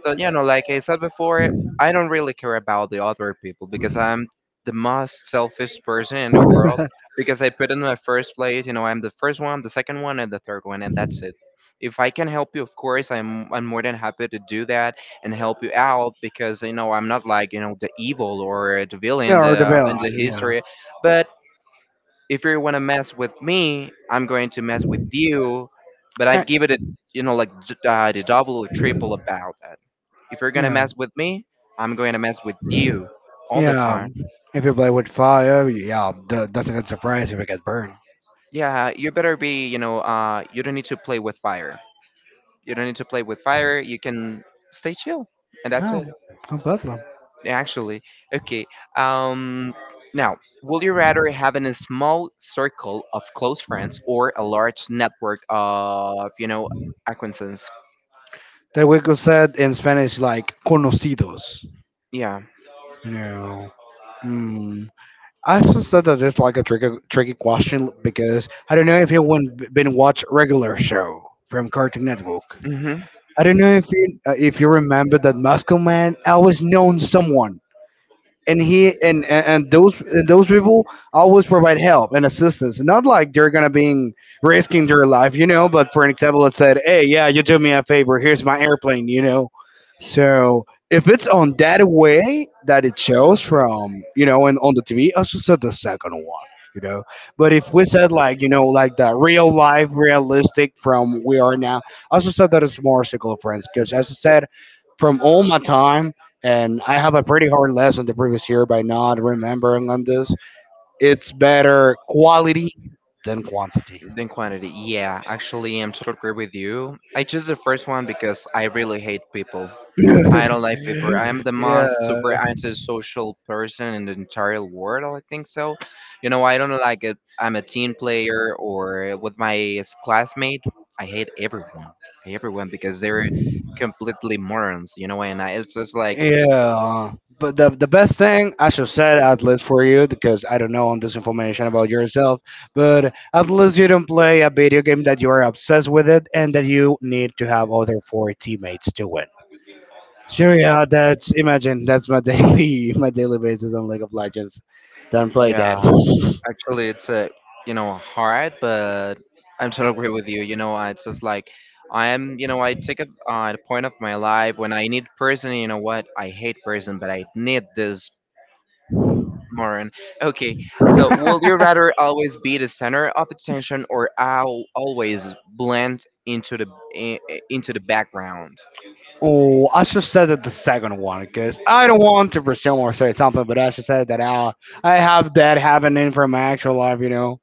[SPEAKER 1] so, you know, like I said before, I don't really care about the other people because I'm the most selfish person in the world because I put in my first place, you know, I'm the first one, the second one, and the third one, and that's it. If I can help you, of course, I'm more than happy to do that and help you out because you know I'm not like you know the evil or the villain
[SPEAKER 2] yeah, or the villain.
[SPEAKER 1] in the
[SPEAKER 2] Yeah,
[SPEAKER 1] history, but if you want to mess with me, I'm going to mess with you, but I
[SPEAKER 2] eh,
[SPEAKER 1] give it you know, like the double or triple about that. If you're going to
[SPEAKER 2] yeah,
[SPEAKER 1] mess with me, I'm going to mess with you all the
[SPEAKER 2] yeah.
[SPEAKER 1] time.
[SPEAKER 2] If you play with fire, yeah, that's a good surprise if you get burned.
[SPEAKER 1] Yeah, you better be, you know, you don't need to play with fire. You don't need to play with fire. You can stay chill, and that's
[SPEAKER 2] Yeah,
[SPEAKER 1] it.
[SPEAKER 2] completely.
[SPEAKER 1] Actually, okay. Um, now, will you rather have in a small circle of close friends or a large network of, you know, acquaintances?
[SPEAKER 2] That we could said in Spanish like conocidos.
[SPEAKER 1] Yeah,
[SPEAKER 2] You know. Mm. I just said that it's like a tricky, tricky question because I don't know if you went been watch regular show from Cartoon Network.
[SPEAKER 1] hmm.
[SPEAKER 2] I don't know if you remember that Muscle Man always known someone, and he and and those and those people always provide help and assistance not like they're gonna be risking their life, you know, but for an example it said hey yeah you do me a favor, here's my airplane, you know. So if it's on that way that it shows from, you know, and on the TV I should said the second one, you know. But if we said like, you know, like the real life realistic from we are now, I also said that it's more circle of friends because as I said, from all my time, and I have a pretty hard lesson the previous year by not remembering on this. It's better quality than quantity.
[SPEAKER 1] Than quantity. Yeah, actually, I'm totally agree with you. I choose the first one because I really hate people. I don't like people. I am the
[SPEAKER 2] Yeah,
[SPEAKER 1] most super antisocial person in the entire world. I think so. You know, I don't like it. I'm a team player or with my classmate. I hate everyone. I hate everyone because they're completely morons. You know, and I, it's just like,
[SPEAKER 2] yeah. But the best thing I should said at least for you, because I don't know on this information about yourself, but at least you don't play a video game that you are obsessed with it and that you need to have other four teammates to win. So yeah, that's imagine that's my daily my daily basis on League of Legends. Don't play that.
[SPEAKER 1] yeah. Actually, it's a you know hard, but I'm totally agree with you. You know, I- it's just like I am. You know, I take a the point of my life when I need person. You know what? I hate person, but I need this more. And okay, so will you rather always be the center of attention or I'll always blend into the into the background?
[SPEAKER 2] Oh, I should have said it the second one because I don't want to presume or say something, but I should said that I have that happening from my actual life. You know,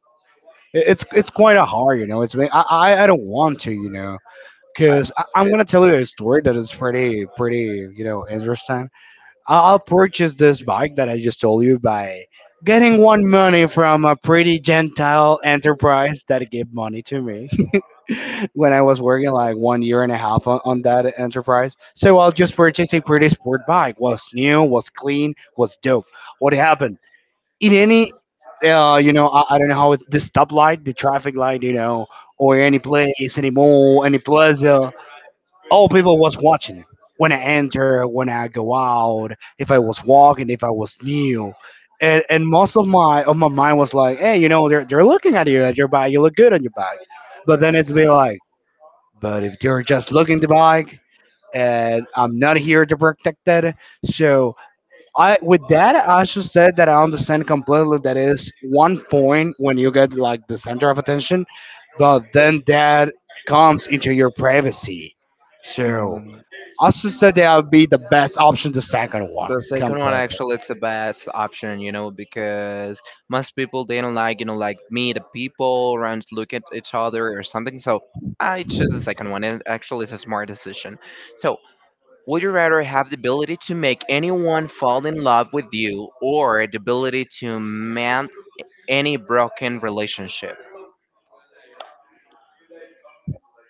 [SPEAKER 2] it- it's quite a hard. You know, it's been- I don't want to. You know,
[SPEAKER 1] I,
[SPEAKER 2] because I'm gonna tell you a story that is pretty pretty you know interesting. I'll purchase this bike that I just told you by getting one money from a pretty gentile enterprise that gave money to me. When I was working like one year and a half on that enterprise. So I'll just purchase a pretty sport bike. Was new, was clean, was dope. What happened? In any, you know, I don't know how it's the stoplight, the traffic light, you know, or any place, any mall, any plaza. All people was watching when I enter, when I go out, if I was walking, if I was new. And most of my mind was like, hey, you know, they're looking at you at your bike. You look good on your bike. But then it's be like, but if they're just looking to bike, and I'm not here to protect that, so I with that I should say that I understand completely. That is one point when you get like the center of attention, but then that comes into your privacy. So
[SPEAKER 1] it,
[SPEAKER 2] I should say that would be the best option, the second one,
[SPEAKER 1] The second one
[SPEAKER 2] completely.
[SPEAKER 1] actually it's the best option, you know, because most people they don't like, you know, like meet the people around look at each other or something. So I choose the second one and actually it's a smart decision. So would you rather have the ability to make anyone fall in love with you or the ability to mend any broken relationship?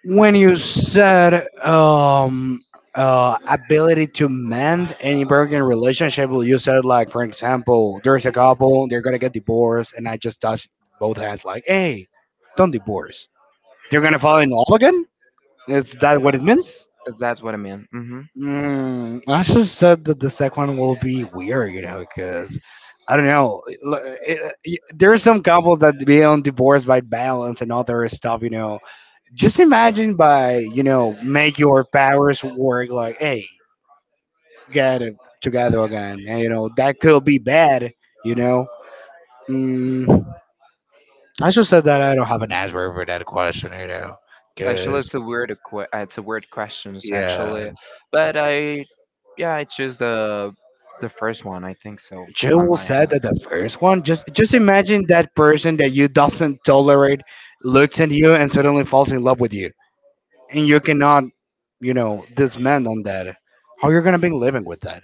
[SPEAKER 2] When you said ability to mend any broken relationship, well, you said like for example there's a couple they're gonna get divorced and I just touch both hands like hey don't divorce they're gonna fall in love again, is that what it means?
[SPEAKER 1] That's what I mean. Hmm.
[SPEAKER 2] Mm, I just said that the second one will be weird, you know, because I don't know. There are some couples that be on divorce by balance and other stuff, you know, just imagine by you know make your powers work like hey get it together again. And, you know that could be bad. You know. Mm, I just said that I don't have an answer for that question. You know,
[SPEAKER 1] Actually,
[SPEAKER 2] because
[SPEAKER 1] it's a weird it's a weird questions actually,
[SPEAKER 2] yeah.
[SPEAKER 1] but I yeah I choose the first one. I think so on
[SPEAKER 2] Jewel
[SPEAKER 1] my
[SPEAKER 2] said
[SPEAKER 1] end.
[SPEAKER 2] that the first one, just imagine that person that you doesn't tolerate looks at you and suddenly falls in love with you, and you cannot, you know, dismantle on that. How you're gonna be living with that?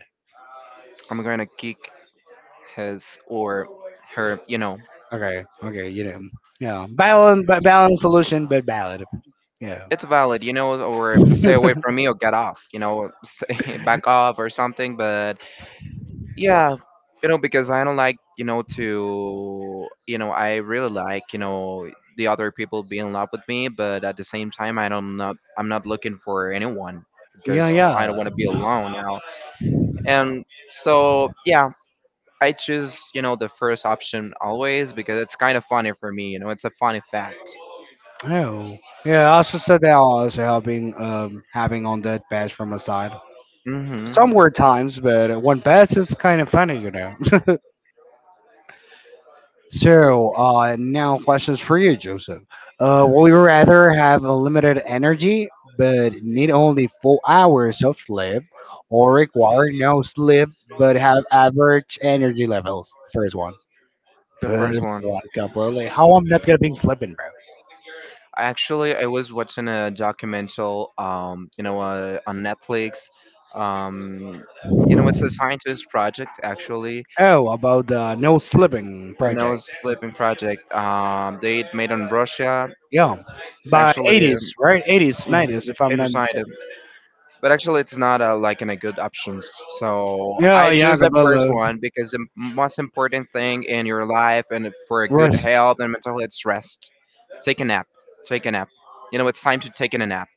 [SPEAKER 1] I'm gonna kick his or her. You know,
[SPEAKER 2] Okay, okay, you know, yeah, balance, but balance solution, but ballad. Yeah,
[SPEAKER 1] it's valid. You know, or stay away from me or get off. You know, stay, back off or something. But yeah, you know, because I don't like, you know, to, you know, I really like, you know, the other people being in love with me, but at the same time, I don't not, I'm not looking for anyone
[SPEAKER 2] yeah,
[SPEAKER 1] because I don't
[SPEAKER 2] yeah.
[SPEAKER 1] want to be alone now. And so, yeah, I choose, you know, the first option always because it's kind of funny for me, you know, it's a funny fact.
[SPEAKER 2] Oh, yeah. I also said that I was helping, having on that pass from my side.
[SPEAKER 1] Mm-hmm.
[SPEAKER 2] Some were times, but one pass is kind of funny, you know. So now questions for you, Joseph. Will you rather have a limited energy but need only 4 hours of sleep, or require no sleep but have average energy levels? First one.
[SPEAKER 1] The first
[SPEAKER 2] First
[SPEAKER 1] one.
[SPEAKER 2] woke up. How I'm not gonna be slipping, bro?
[SPEAKER 1] Actually, I was watching a documental, you know, on Netflix. Um, you know, it's a scientist project, actually,
[SPEAKER 2] Oh, about the no slipping
[SPEAKER 1] the
[SPEAKER 2] project.
[SPEAKER 1] nose sleeping project. They made on Russia.
[SPEAKER 2] Yeah, by
[SPEAKER 1] Actually,
[SPEAKER 2] 80's, right? 80's,
[SPEAKER 1] um,
[SPEAKER 2] 90's, if I'm
[SPEAKER 1] they
[SPEAKER 2] not mistaken.
[SPEAKER 1] decided, but actually, it's not like in a good option. So
[SPEAKER 2] Yeah,
[SPEAKER 1] I
[SPEAKER 2] yeah,
[SPEAKER 1] choose the first
[SPEAKER 2] Cabello.
[SPEAKER 1] one because the most important thing in your life and for a good
[SPEAKER 2] Rest.
[SPEAKER 1] health and mental health is rest. Take a nap. Take a nap. You know, it's time to take in a nap.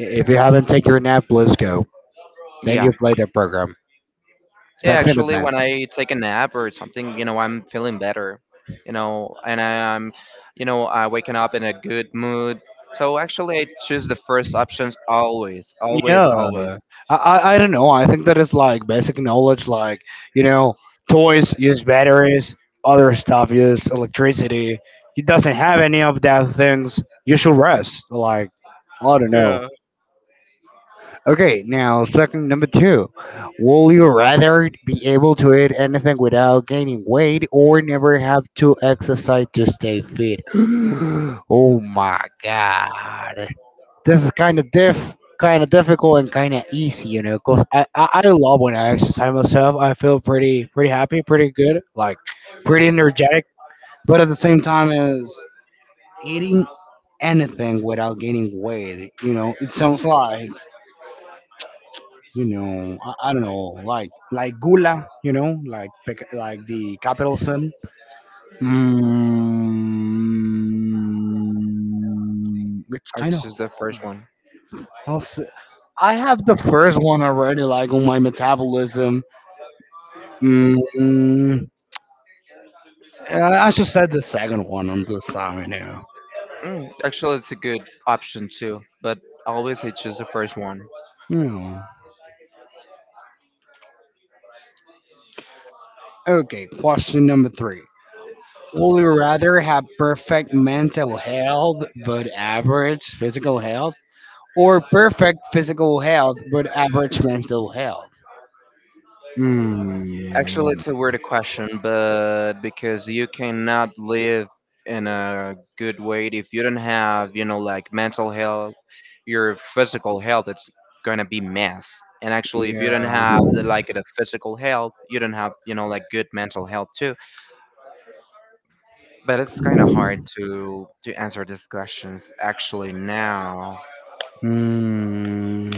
[SPEAKER 2] If you haven't take your nap, let's go. Then
[SPEAKER 1] Yeah.
[SPEAKER 2] you play the program.
[SPEAKER 1] Yeah,
[SPEAKER 2] Thanks in
[SPEAKER 1] actually, when
[SPEAKER 2] advance.
[SPEAKER 1] I take a nap or something, you know, I'm feeling better, you know, and I'm, you know, I waking up in a good mood. So actually, I choose the first options always,
[SPEAKER 2] Yeah,
[SPEAKER 1] always, always.
[SPEAKER 2] I don't know. I think that is like basic knowledge, like you know, toys use batteries, other stuff use electricity. He doesn't have any of that things. You should rest. Like I don't know. Okay, now second, number two. Will you rather be able to eat anything without gaining weight, or never have to exercise to stay fit? Oh my god, this is kind of difficult and kind of easy, you know. Cause I love when I exercise myself. I feel pretty, pretty happy, pretty good, like pretty energetic. But at the same time, is eating anything without gaining weight, you know, it sounds like, you know, I don't know, like gula, you know, like the capital sin. Mm, it's
[SPEAKER 1] I
[SPEAKER 2] kind of
[SPEAKER 1] choose the first
[SPEAKER 2] hard.
[SPEAKER 1] one.
[SPEAKER 2] I'll I have the first one already, like on my metabolism. Mm, I just said the second one on this time, you know.
[SPEAKER 1] Mm, actually, it's a good option too, but always I choose the first one.
[SPEAKER 2] Hmm. Okay, question number three. Would you rather have perfect mental health but average physical health, or perfect physical health but average mental health?
[SPEAKER 1] Actually,
[SPEAKER 2] Hmm.
[SPEAKER 1] it's a weird question, but because you cannot live in a good way if you don't have, you know, like mental health, your physical health, it's gonna be mess. And actually, if you
[SPEAKER 2] Yeah.
[SPEAKER 1] don't have the, like the physical health, you don't have, you know, like good mental health too. But it's kind of hard to answer these questions actually now.
[SPEAKER 2] Hmm.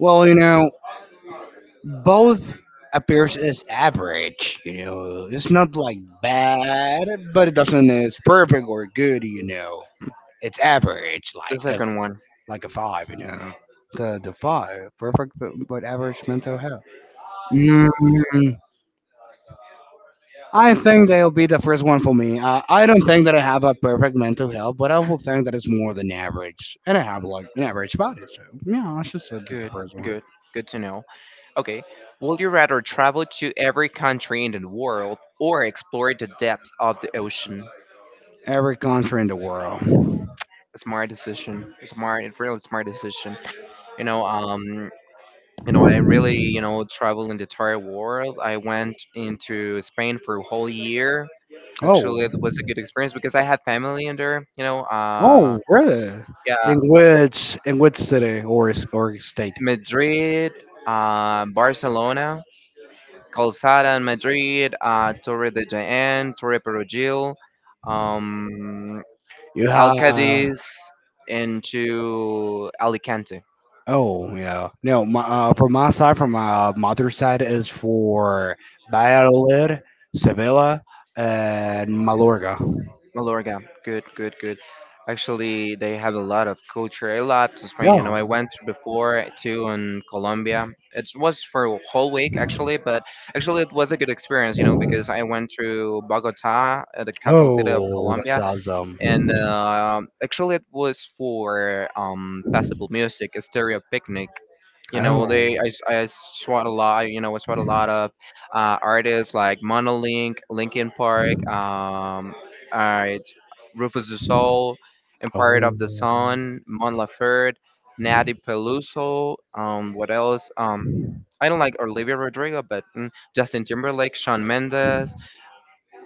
[SPEAKER 2] Well, you know, both appears as average, you know, it's not like bad, but it doesn't, it's perfect or good, you know, it's average,
[SPEAKER 1] The second one,
[SPEAKER 2] like a five, you know, the five perfect but average mental health. Mm, I think they'll be the first one for me. I don't think that I have a perfect mental health, but I will think that it's more than average and I have like an average body, so yeah, I should say that the
[SPEAKER 1] good,
[SPEAKER 2] first one.
[SPEAKER 1] good, good to know. Okay, would you rather travel to every country in the world or explore the depths of the ocean?
[SPEAKER 2] Every country in the world.
[SPEAKER 1] Smart decision. Smart, really smart decision. You know, um, you know, I really, you know, travel in the entire world. I went into Spain for a whole year.
[SPEAKER 2] Oh.
[SPEAKER 1] Actually, it was a good experience because I had family in there. You know,
[SPEAKER 2] Oh, really?
[SPEAKER 1] yeah,
[SPEAKER 2] In which, in which city or or state?
[SPEAKER 1] Madrid, Barcelona, Calzada in Madrid, Torre de Jaén, Torre Perugil um
[SPEAKER 2] Yeah.
[SPEAKER 1] Alcadiz into Alicante,
[SPEAKER 2] Oh, yeah. No, my, from my side, from my mother's side, is for Valladolid, Sevilla, and Mallorca.
[SPEAKER 1] Mallorca. Good, good, good. Actually, they have a lot of culture. I loved Spain.
[SPEAKER 2] Yeah.
[SPEAKER 1] You know, I went before too in Colombia. It was for a whole week actually, but actually it was a good experience. You know, because I went to Bogota, the capital city of
[SPEAKER 2] Oh, that's
[SPEAKER 1] Colombia,
[SPEAKER 2] awesome.
[SPEAKER 1] and actually it was for festival music a stereo picnic you know
[SPEAKER 2] Oh.
[SPEAKER 1] they I swat a lot you know I swat a lot of artists like monolink linkin park uh, rufus du sol empire of the
[SPEAKER 2] Oh.
[SPEAKER 1] sun mon laferte natty peluso what else I don't like Olivia Rodrigo, but mm, Justin Timberlake, Sean Mendes,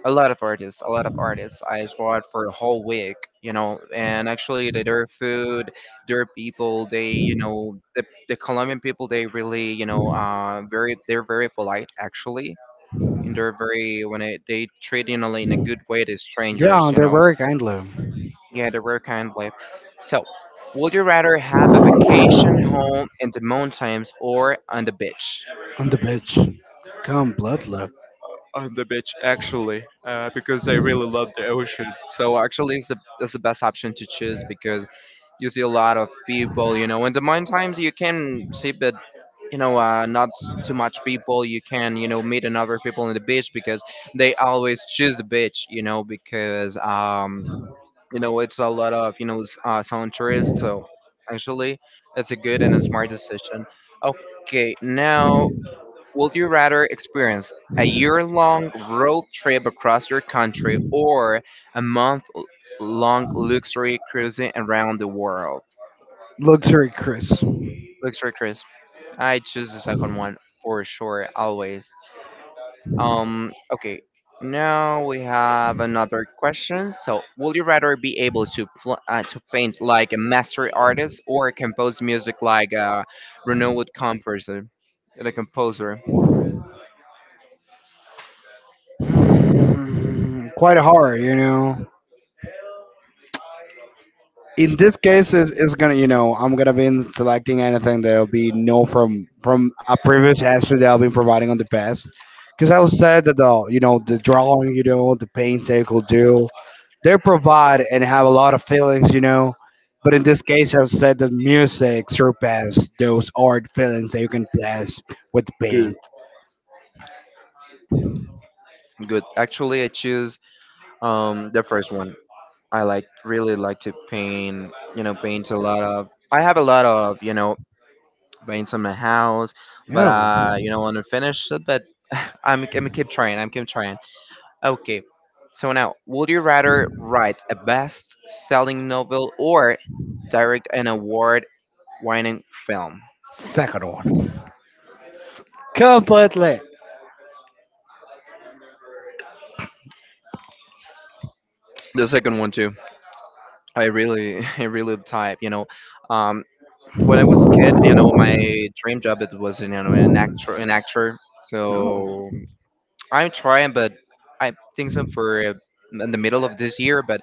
[SPEAKER 1] a lot of artists, a lot of artists. I swat for a whole week, you know, and actually their food, their people, they, you know, the Colombian people, they really, you know, very, they're very polite actually. And they're very, when it, they treat, you know, in a good way the strangers,
[SPEAKER 2] Yeah,
[SPEAKER 1] you
[SPEAKER 2] they're
[SPEAKER 1] know.
[SPEAKER 2] very kindly.
[SPEAKER 1] Yeah, they're very kind way. So, would you rather have a vacation home in the mountains or on the beach?
[SPEAKER 2] On the beach. Come, blood lip.
[SPEAKER 1] So actually, it's the best option to choose because you see a lot of people. You know, in the morning times you can see, but you know, not too much people. You can you know meet another people in the beach because they always choose the beach. You know, because you know it's a lot of you know sound tourists. So actually, it's a good and a smart decision. Okay, now would you rather experience a year long road trip across your country or a month long luxury cruising around the world?
[SPEAKER 2] Luxury Chris.
[SPEAKER 1] Luxury cruise. I choose the second one for sure, always. Okay. Now we have another question. So, would you rather be able to to paint like a master artist or compose music like a renowned composer, like a composer?
[SPEAKER 2] Mm, quite hard, you know. In this case is gonna, you know, I'm gonna be in selecting anything that'll be no from from a previous answer that I've been providing on the past, because I was said that the, you know, the drawing, you know, the paint cycle do they provide and have a lot of feelings, you know. But in this case I've said that music surpass those art feelings that you can pass with
[SPEAKER 1] Good.
[SPEAKER 2] paint.
[SPEAKER 1] Good. Actually, I choose the first one, I like really like to paint. You know, paint a lot of. I have a lot of you know paints on my house, but
[SPEAKER 2] No.
[SPEAKER 1] you know, want to finish it. But I'm gonna keep trying. I'm keep trying. Okay, so now, would you rather write a best-selling novel or direct an award-winning film?
[SPEAKER 2] Second one, completely.
[SPEAKER 1] The second one too. I really, I really type. You know, um, when I was a kid, you know, my dream job it was you know an actor, an actor.
[SPEAKER 2] No.
[SPEAKER 1] So I'm trying, but I think so for in the middle of this year, but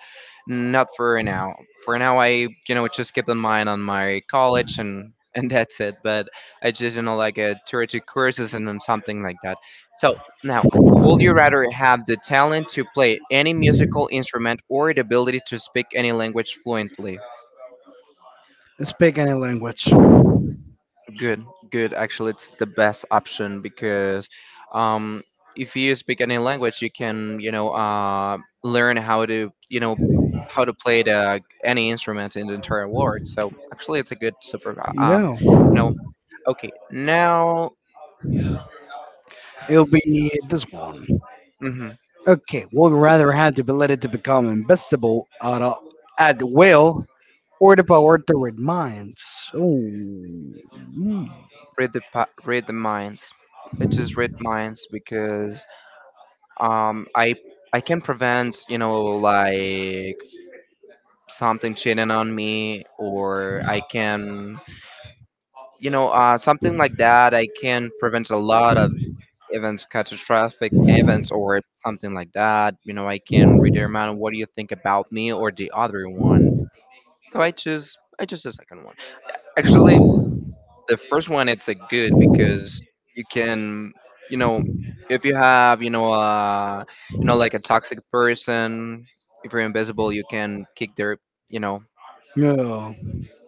[SPEAKER 1] not for now. For now, I just keep in mind on my college and and that's it. But I just like a theoretic courses and then something like that. So now. Would you rather have the talent to play any musical instrument or the ability to speak any language fluently?
[SPEAKER 2] Speak any language.
[SPEAKER 1] Good, good. Actually, it's the best option because um, if you speak any language, you can, learn how to, how to play the any instrument in the entire world. So actually, it's a good super.
[SPEAKER 2] No.
[SPEAKER 1] You know, okay. Now,
[SPEAKER 2] It'll be this one.
[SPEAKER 1] mhm,
[SPEAKER 2] Okay, one rather have the ability to become invisible at, a, at will or the power to read minds. Oh.
[SPEAKER 1] read the minds. Let's just read minds because um, I I can prevent, like something cheating on me, or I can something like that, I can prevent a lot of
[SPEAKER 2] Hmm.
[SPEAKER 1] events, catastrophic events, or something like that. You know, I can determine what do you think about me or the other one. So I choose the second one. Actually, the first one it's a good because you can, you know, if you have, like a toxic person, if you're invisible, you can kick their, you know,
[SPEAKER 2] Yeah.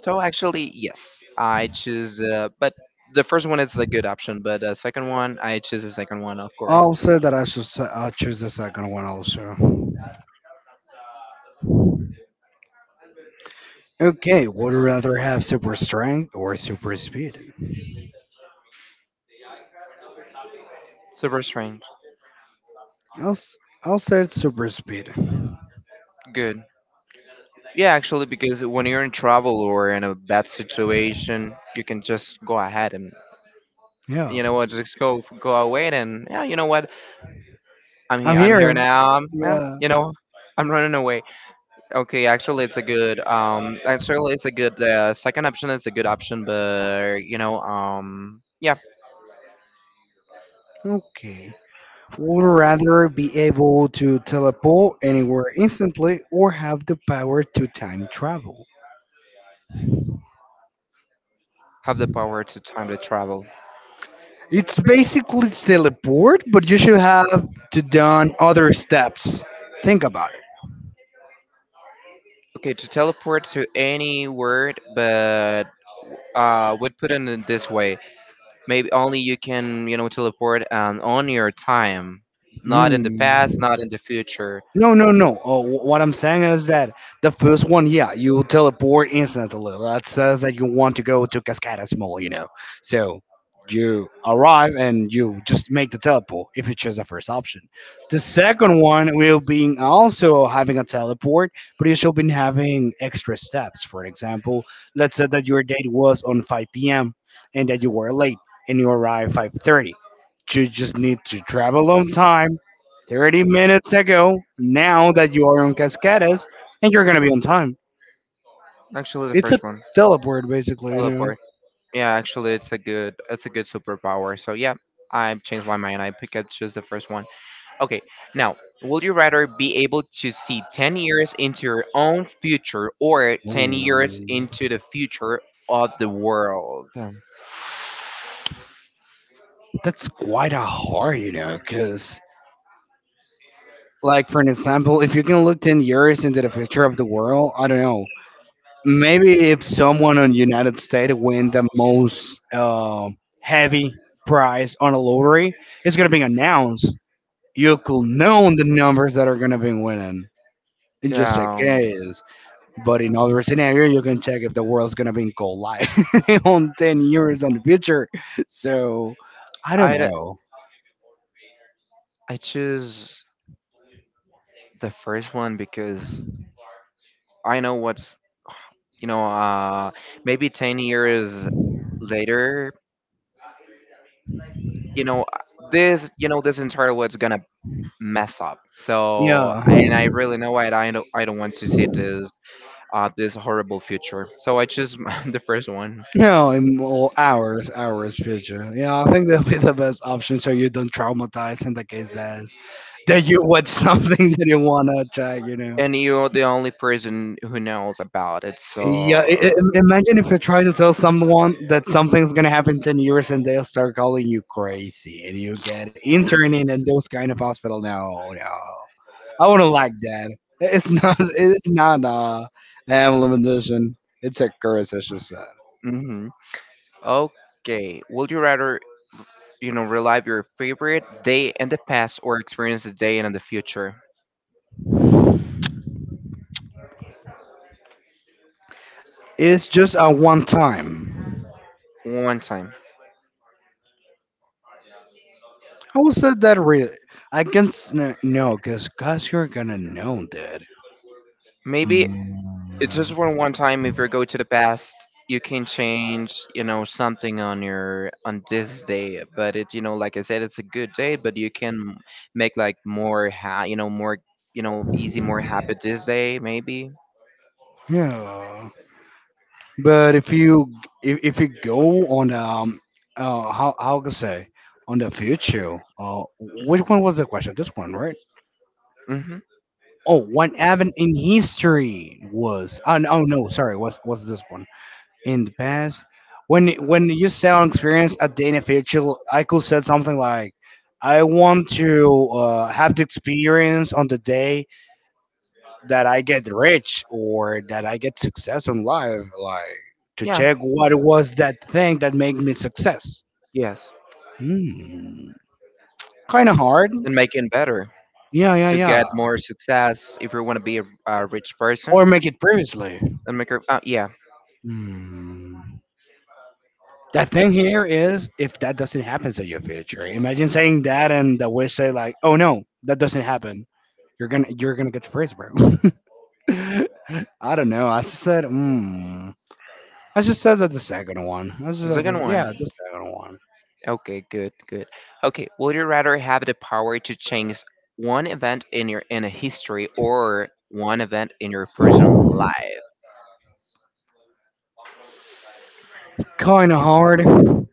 [SPEAKER 1] So actually, yes, I choose. But the first one is a good option, but second one, I choose the second one, of course.
[SPEAKER 2] I'll say that I should. I'll choose the second one also. Okay. Would you rather have super strength or super speed?
[SPEAKER 1] Super strange.
[SPEAKER 2] I'll. s- I'll say it's super speed.
[SPEAKER 1] Good. Yeah, actually, because when you're in trouble or in a bad situation, you can just go ahead and
[SPEAKER 2] Yeah.
[SPEAKER 1] you know what, just go away and yeah, you know what,
[SPEAKER 2] I'm
[SPEAKER 1] I'm here
[SPEAKER 2] here.
[SPEAKER 1] now. Yeah,
[SPEAKER 2] Yeah.
[SPEAKER 1] you know, I'm running away. Okay, actually, it's a good actually, it's a good second option. It's a good option, but you know, yeah,
[SPEAKER 2] Okay. Would you rather be able to teleport anywhere instantly or have the power to time travel?
[SPEAKER 1] have the power to time to travel.
[SPEAKER 2] It's basically still a board, but you should have to done other steps. Think about it.
[SPEAKER 1] Okay, to teleport to any word, but would put it in this way: maybe only you can, you know, teleport on your time, not in the past,
[SPEAKER 2] Mm.
[SPEAKER 1] not in the future.
[SPEAKER 2] No, no, no. Oh, what I'm saying is that the first one, yeah, you teleport instantly. That says that you want to go to Cascadas Mall, you know. So you arrive and you just make the teleport if you choose the first option. The second one will be also having a teleport, but you should be having extra steps. For example, let's say that your date was on 5 p.m. and that you were late and you arrive 5:30. You just need to travel on time 30 minutes ago, now that you are on Cascadas, and you're gonna be on time.
[SPEAKER 1] Actually, the
[SPEAKER 2] It's a
[SPEAKER 1] first one,
[SPEAKER 2] teleport, basically, you know.
[SPEAKER 1] teleport. Yeah, actually, it's a it's a good superpower. So yeah, I changed my mind. I pick up just the first one. Okay, now, would you rather be able to see 10 years into your own future or 10 years
[SPEAKER 2] Ooh.
[SPEAKER 1] into the future of the world?
[SPEAKER 2] That's quite a hard, you know, because, like, for an example, if you can look 10 years into the future of the world, I don't know, maybe if someone on United States win the most heavy prize on a lottery, it's going to be announced. You could know the numbers that are going to be winning in just
[SPEAKER 1] Yeah,
[SPEAKER 2] a case. But in other scenario, you can check if the world's gonna be in cold light on 10 years on the future. So I don't
[SPEAKER 1] I d-
[SPEAKER 2] know.
[SPEAKER 1] I choose the first one because I know what you know. Maybe 10 years later, you know uh, this. You know this entire world's gonna mess up. So
[SPEAKER 2] Yeah,
[SPEAKER 1] and I really know it. I don't want to see this. This horrible future. So I choose the first one.
[SPEAKER 2] no, in more hours, hours future. Yeah, I think that'll be the best option so you don't traumatize in the case that that you watch something that you wanna check. You know.
[SPEAKER 1] And you're the only person who knows about it. So.
[SPEAKER 2] Yeah, imagine if you try to tell someone that something's gonna happen in 10 years and they'll start calling you crazy and you get interning in those kind of hospital. No, no. I wouldn't like that. It's not. It's not an emblem edition. It's a curse, I should say.
[SPEAKER 1] Mhm. Okay. Would you rather relive your favorite day in the past or experience the day in the future.
[SPEAKER 2] It's just a one time.
[SPEAKER 1] One time.
[SPEAKER 2] I will say that really. I can s- n- No, cause cause you're gonna know that.
[SPEAKER 1] Maybe it's just
[SPEAKER 2] Mm,
[SPEAKER 1] for one time if you go to the past you can change, you know, something on your on this day. But it you know, like I said, it's a good day, but you can make like more ha you know, more you know, easy, more happy this day, maybe.
[SPEAKER 2] yeah, but if you if you go on how can I say, on the future. Which one was the question? This one, right?
[SPEAKER 1] Mm-hmm.
[SPEAKER 2] Oh, one event in history was. Oh no, oh, no, sorry, what's this one? In the past. When you sound experience at the NFL, I could said something like, "I want to have the experience on the day that I get rich or that I get success in life, like to
[SPEAKER 1] Yeah.
[SPEAKER 2] check what was that thing that made me success."
[SPEAKER 1] Yes.
[SPEAKER 2] Hmm. Kind of hard.
[SPEAKER 1] And make it better
[SPEAKER 2] Yeah, yeah,
[SPEAKER 1] to
[SPEAKER 2] yeah.
[SPEAKER 1] get more success if you want to be a rich person
[SPEAKER 2] Or make it previously.
[SPEAKER 1] and make her yeah.
[SPEAKER 2] Hmm. The thing here is, if that doesn't happen at your future, imagine saying that and the wish say like, "Oh no, that doesn't happen." You're gonna get freeze, bro. I don't know. I just said, mm. I just said that the second one. I just
[SPEAKER 1] The
[SPEAKER 2] said
[SPEAKER 1] second
[SPEAKER 2] this, yeah,
[SPEAKER 1] one.
[SPEAKER 2] the second one.
[SPEAKER 1] Okay, good, good. Okay, would you rather have the power to change one event in your in a history or one event in your personal life?
[SPEAKER 2] Kind of hard, you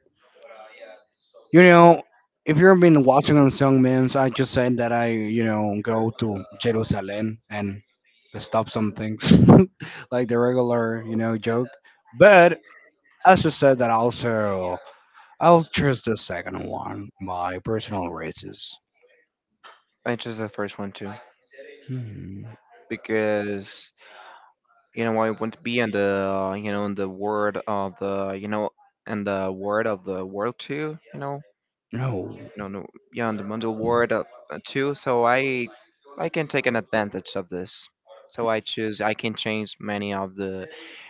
[SPEAKER 2] know. If you've been watching on Song Memes, I just said that I, you know, go to Jerusalem and stop some things, like the regular, you know, joke. But, as you said that also, I'll choose the second one, my personal races.
[SPEAKER 1] I chose the first one too
[SPEAKER 2] Hmm.
[SPEAKER 1] because I want to be in the in the word of the and the word of the world too. You know
[SPEAKER 2] No.
[SPEAKER 1] no, no, yeah, on the Mundell Ward too. So I can take an advantage of this. So I choose. I can change many of the,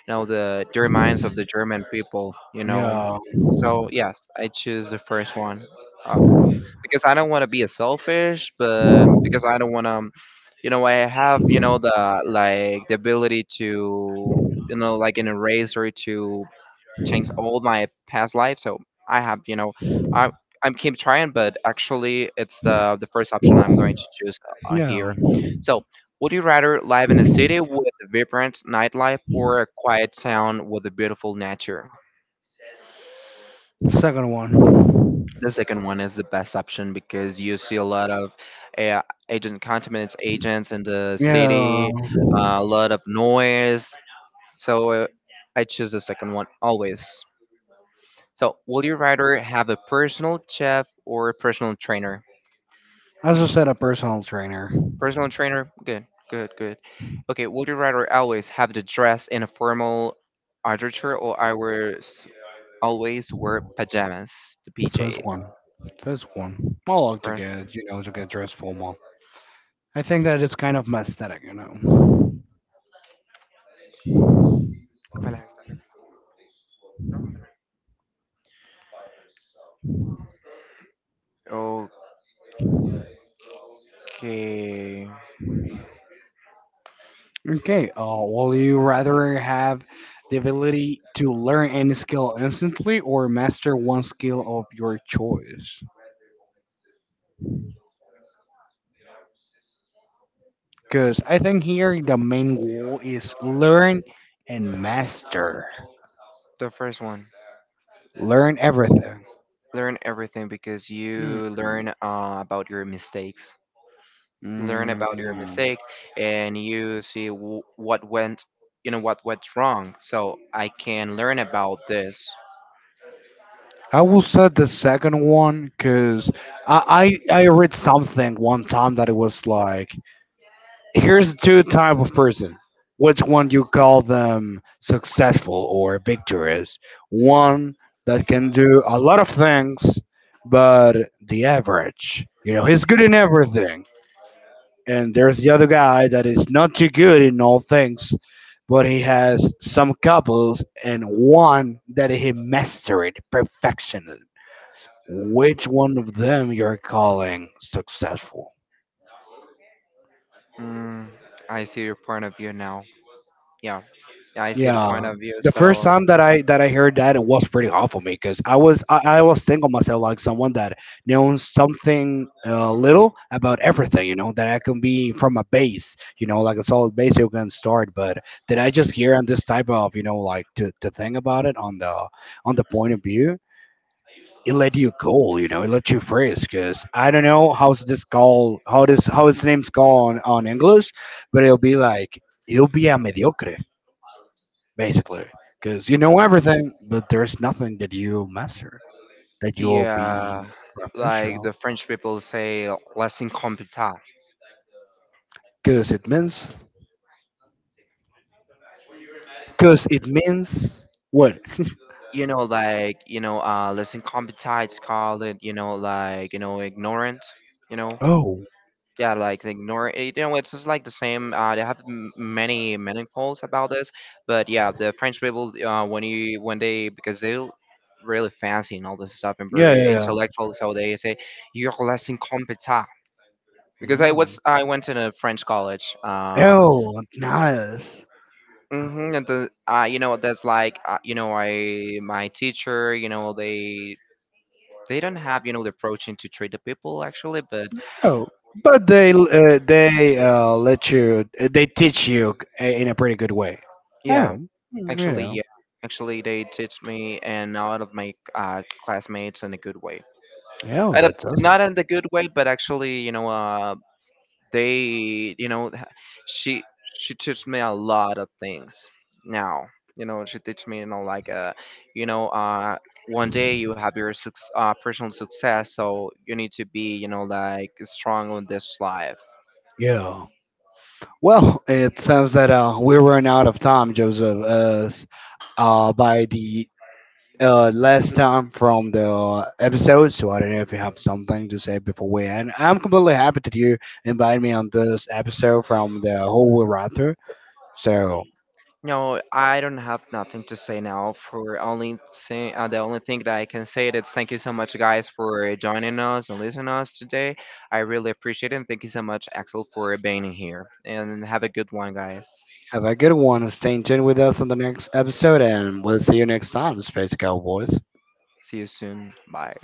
[SPEAKER 1] you know, their minds of the German people. You know,
[SPEAKER 2] Yeah.
[SPEAKER 1] so yes, I choose the first one offer because I don't want to be a selfish, but because I don't want to, you know, I have the like the ability to like in a race or to changed all my past life. So I have, you know, I I'm keep trying, but actually it's the first option I'm going to choose
[SPEAKER 2] Yeah.
[SPEAKER 1] here. So would you rather live in a city with a vibrant nightlife or a quiet town with a beautiful nature?
[SPEAKER 2] Second one.
[SPEAKER 1] The second one is the best option because you see a lot of uh, agent contaminants agents in the
[SPEAKER 2] Yeah.
[SPEAKER 1] city, a lot of noise. So I choose the second one always. So, will you rather have a personal chef or a personal trainer?
[SPEAKER 2] As I said, a personal trainer.
[SPEAKER 1] Personal trainer, good, good, good. Okay, would you rather always have to dress in a formal underwear or always wear pajamas, the
[SPEAKER 2] First
[SPEAKER 1] PJs?
[SPEAKER 2] one. First one. I
[SPEAKER 1] The
[SPEAKER 2] like to
[SPEAKER 1] first,
[SPEAKER 2] get, you know, to get dressed formal. I think that it's kind of my aesthetic, you know.
[SPEAKER 1] ¿cuál es esta? Okay,
[SPEAKER 2] Okay. Will you rather have the ability to learn any skill instantly or master one skill of your choice? Because I think here the main goal is learn and master.
[SPEAKER 1] the first one.
[SPEAKER 2] Learn everything.
[SPEAKER 1] Learn everything because
[SPEAKER 2] Hmm.
[SPEAKER 1] you learn about your mistakes. Learn
[SPEAKER 2] Mm.
[SPEAKER 1] about your mistake and you see what went what went wrong, so I can learn about this.
[SPEAKER 2] I will say the second one because I read something one time that it was like, here's two type of person. Which one you call them successful or victorious? One that can do a lot of things, but the average. You know, he's good in everything. And there's the other guy that is not too good in all things, but he has some couples and one that he mastered perfection. Which one of them you're calling successful?
[SPEAKER 1] Mm, I see your point of view now. Yeah, I see the
[SPEAKER 2] Yeah,
[SPEAKER 1] point of view.
[SPEAKER 2] the first
[SPEAKER 1] So
[SPEAKER 2] time that I heard that, it was pretty hard for me because I was thinking of myself like someone that knows something, little about everything, you know, that I can be from a base, you know, like a solid base you can start. But then I just hear on this type of, you know, like to think about it on the point of view. It let you go, you know. It let you freeze, cause I don't know how's this called, how this, how his name's called on English, but it'll be like you'll be a mediocre, basically, because you know everything, but there's nothing that you master, that you will
[SPEAKER 1] yeah,
[SPEAKER 2] be
[SPEAKER 1] like the
[SPEAKER 2] professional.
[SPEAKER 1] French people say, less incompetent.
[SPEAKER 2] Because it means, because it means what?
[SPEAKER 1] You know like less incompetent. It's called it you know like you know ignorant, you know.
[SPEAKER 2] Oh,
[SPEAKER 1] Yeah, like they ignore it, you know, it's just like the same. They have many meaningfuls about this. But yeah, the French people, when you when they, because they really fancy and all this stuff and
[SPEAKER 2] yeah,
[SPEAKER 1] very
[SPEAKER 2] yeah,
[SPEAKER 1] intellectual, so they say you're less incompetent
[SPEAKER 2] yeah.
[SPEAKER 1] because
[SPEAKER 2] Mm.
[SPEAKER 1] I went to a French college.
[SPEAKER 2] Oh, nice.
[SPEAKER 1] Hmm. And the you know that's like you know, I my teacher, you know, they don't have, you know, the approach to treat the people actually. But
[SPEAKER 2] Oh, but they let you, they teach you in a pretty good way.
[SPEAKER 1] yeah,
[SPEAKER 2] Oh, mm, you
[SPEAKER 1] actually,
[SPEAKER 2] know.
[SPEAKER 1] yeah. Actually, they teach me and a lot of my classmates in a good way.
[SPEAKER 2] Oh,
[SPEAKER 1] And a,
[SPEAKER 2] that's awesome.
[SPEAKER 1] not in the good way, but actually, you know, they, you know, she she teaches me a lot of things now. You know, she teaches me, you know, like, you know, one day you have your suc personal success, so you need to be, you know, like strong on this life.
[SPEAKER 2] Yeah. Well, it sounds that we run out of time, Joseph. As by the last time from the episode, so I don't know if you have something to say before we end. I'm completely happy that you invited me on this episode from the whole writer. So
[SPEAKER 1] No, I don't have nothing to say now. For only thing, the only thing that I can say is thank you so much, guys, for joining us and listening to us today. I really appreciate it. And thank you so much, Axel, for being here. And have a good one, guys.
[SPEAKER 2] have a good one. Stay tuned with us on the next episode, and we'll see you next time, Space Cowboys.
[SPEAKER 1] See you soon. Bye.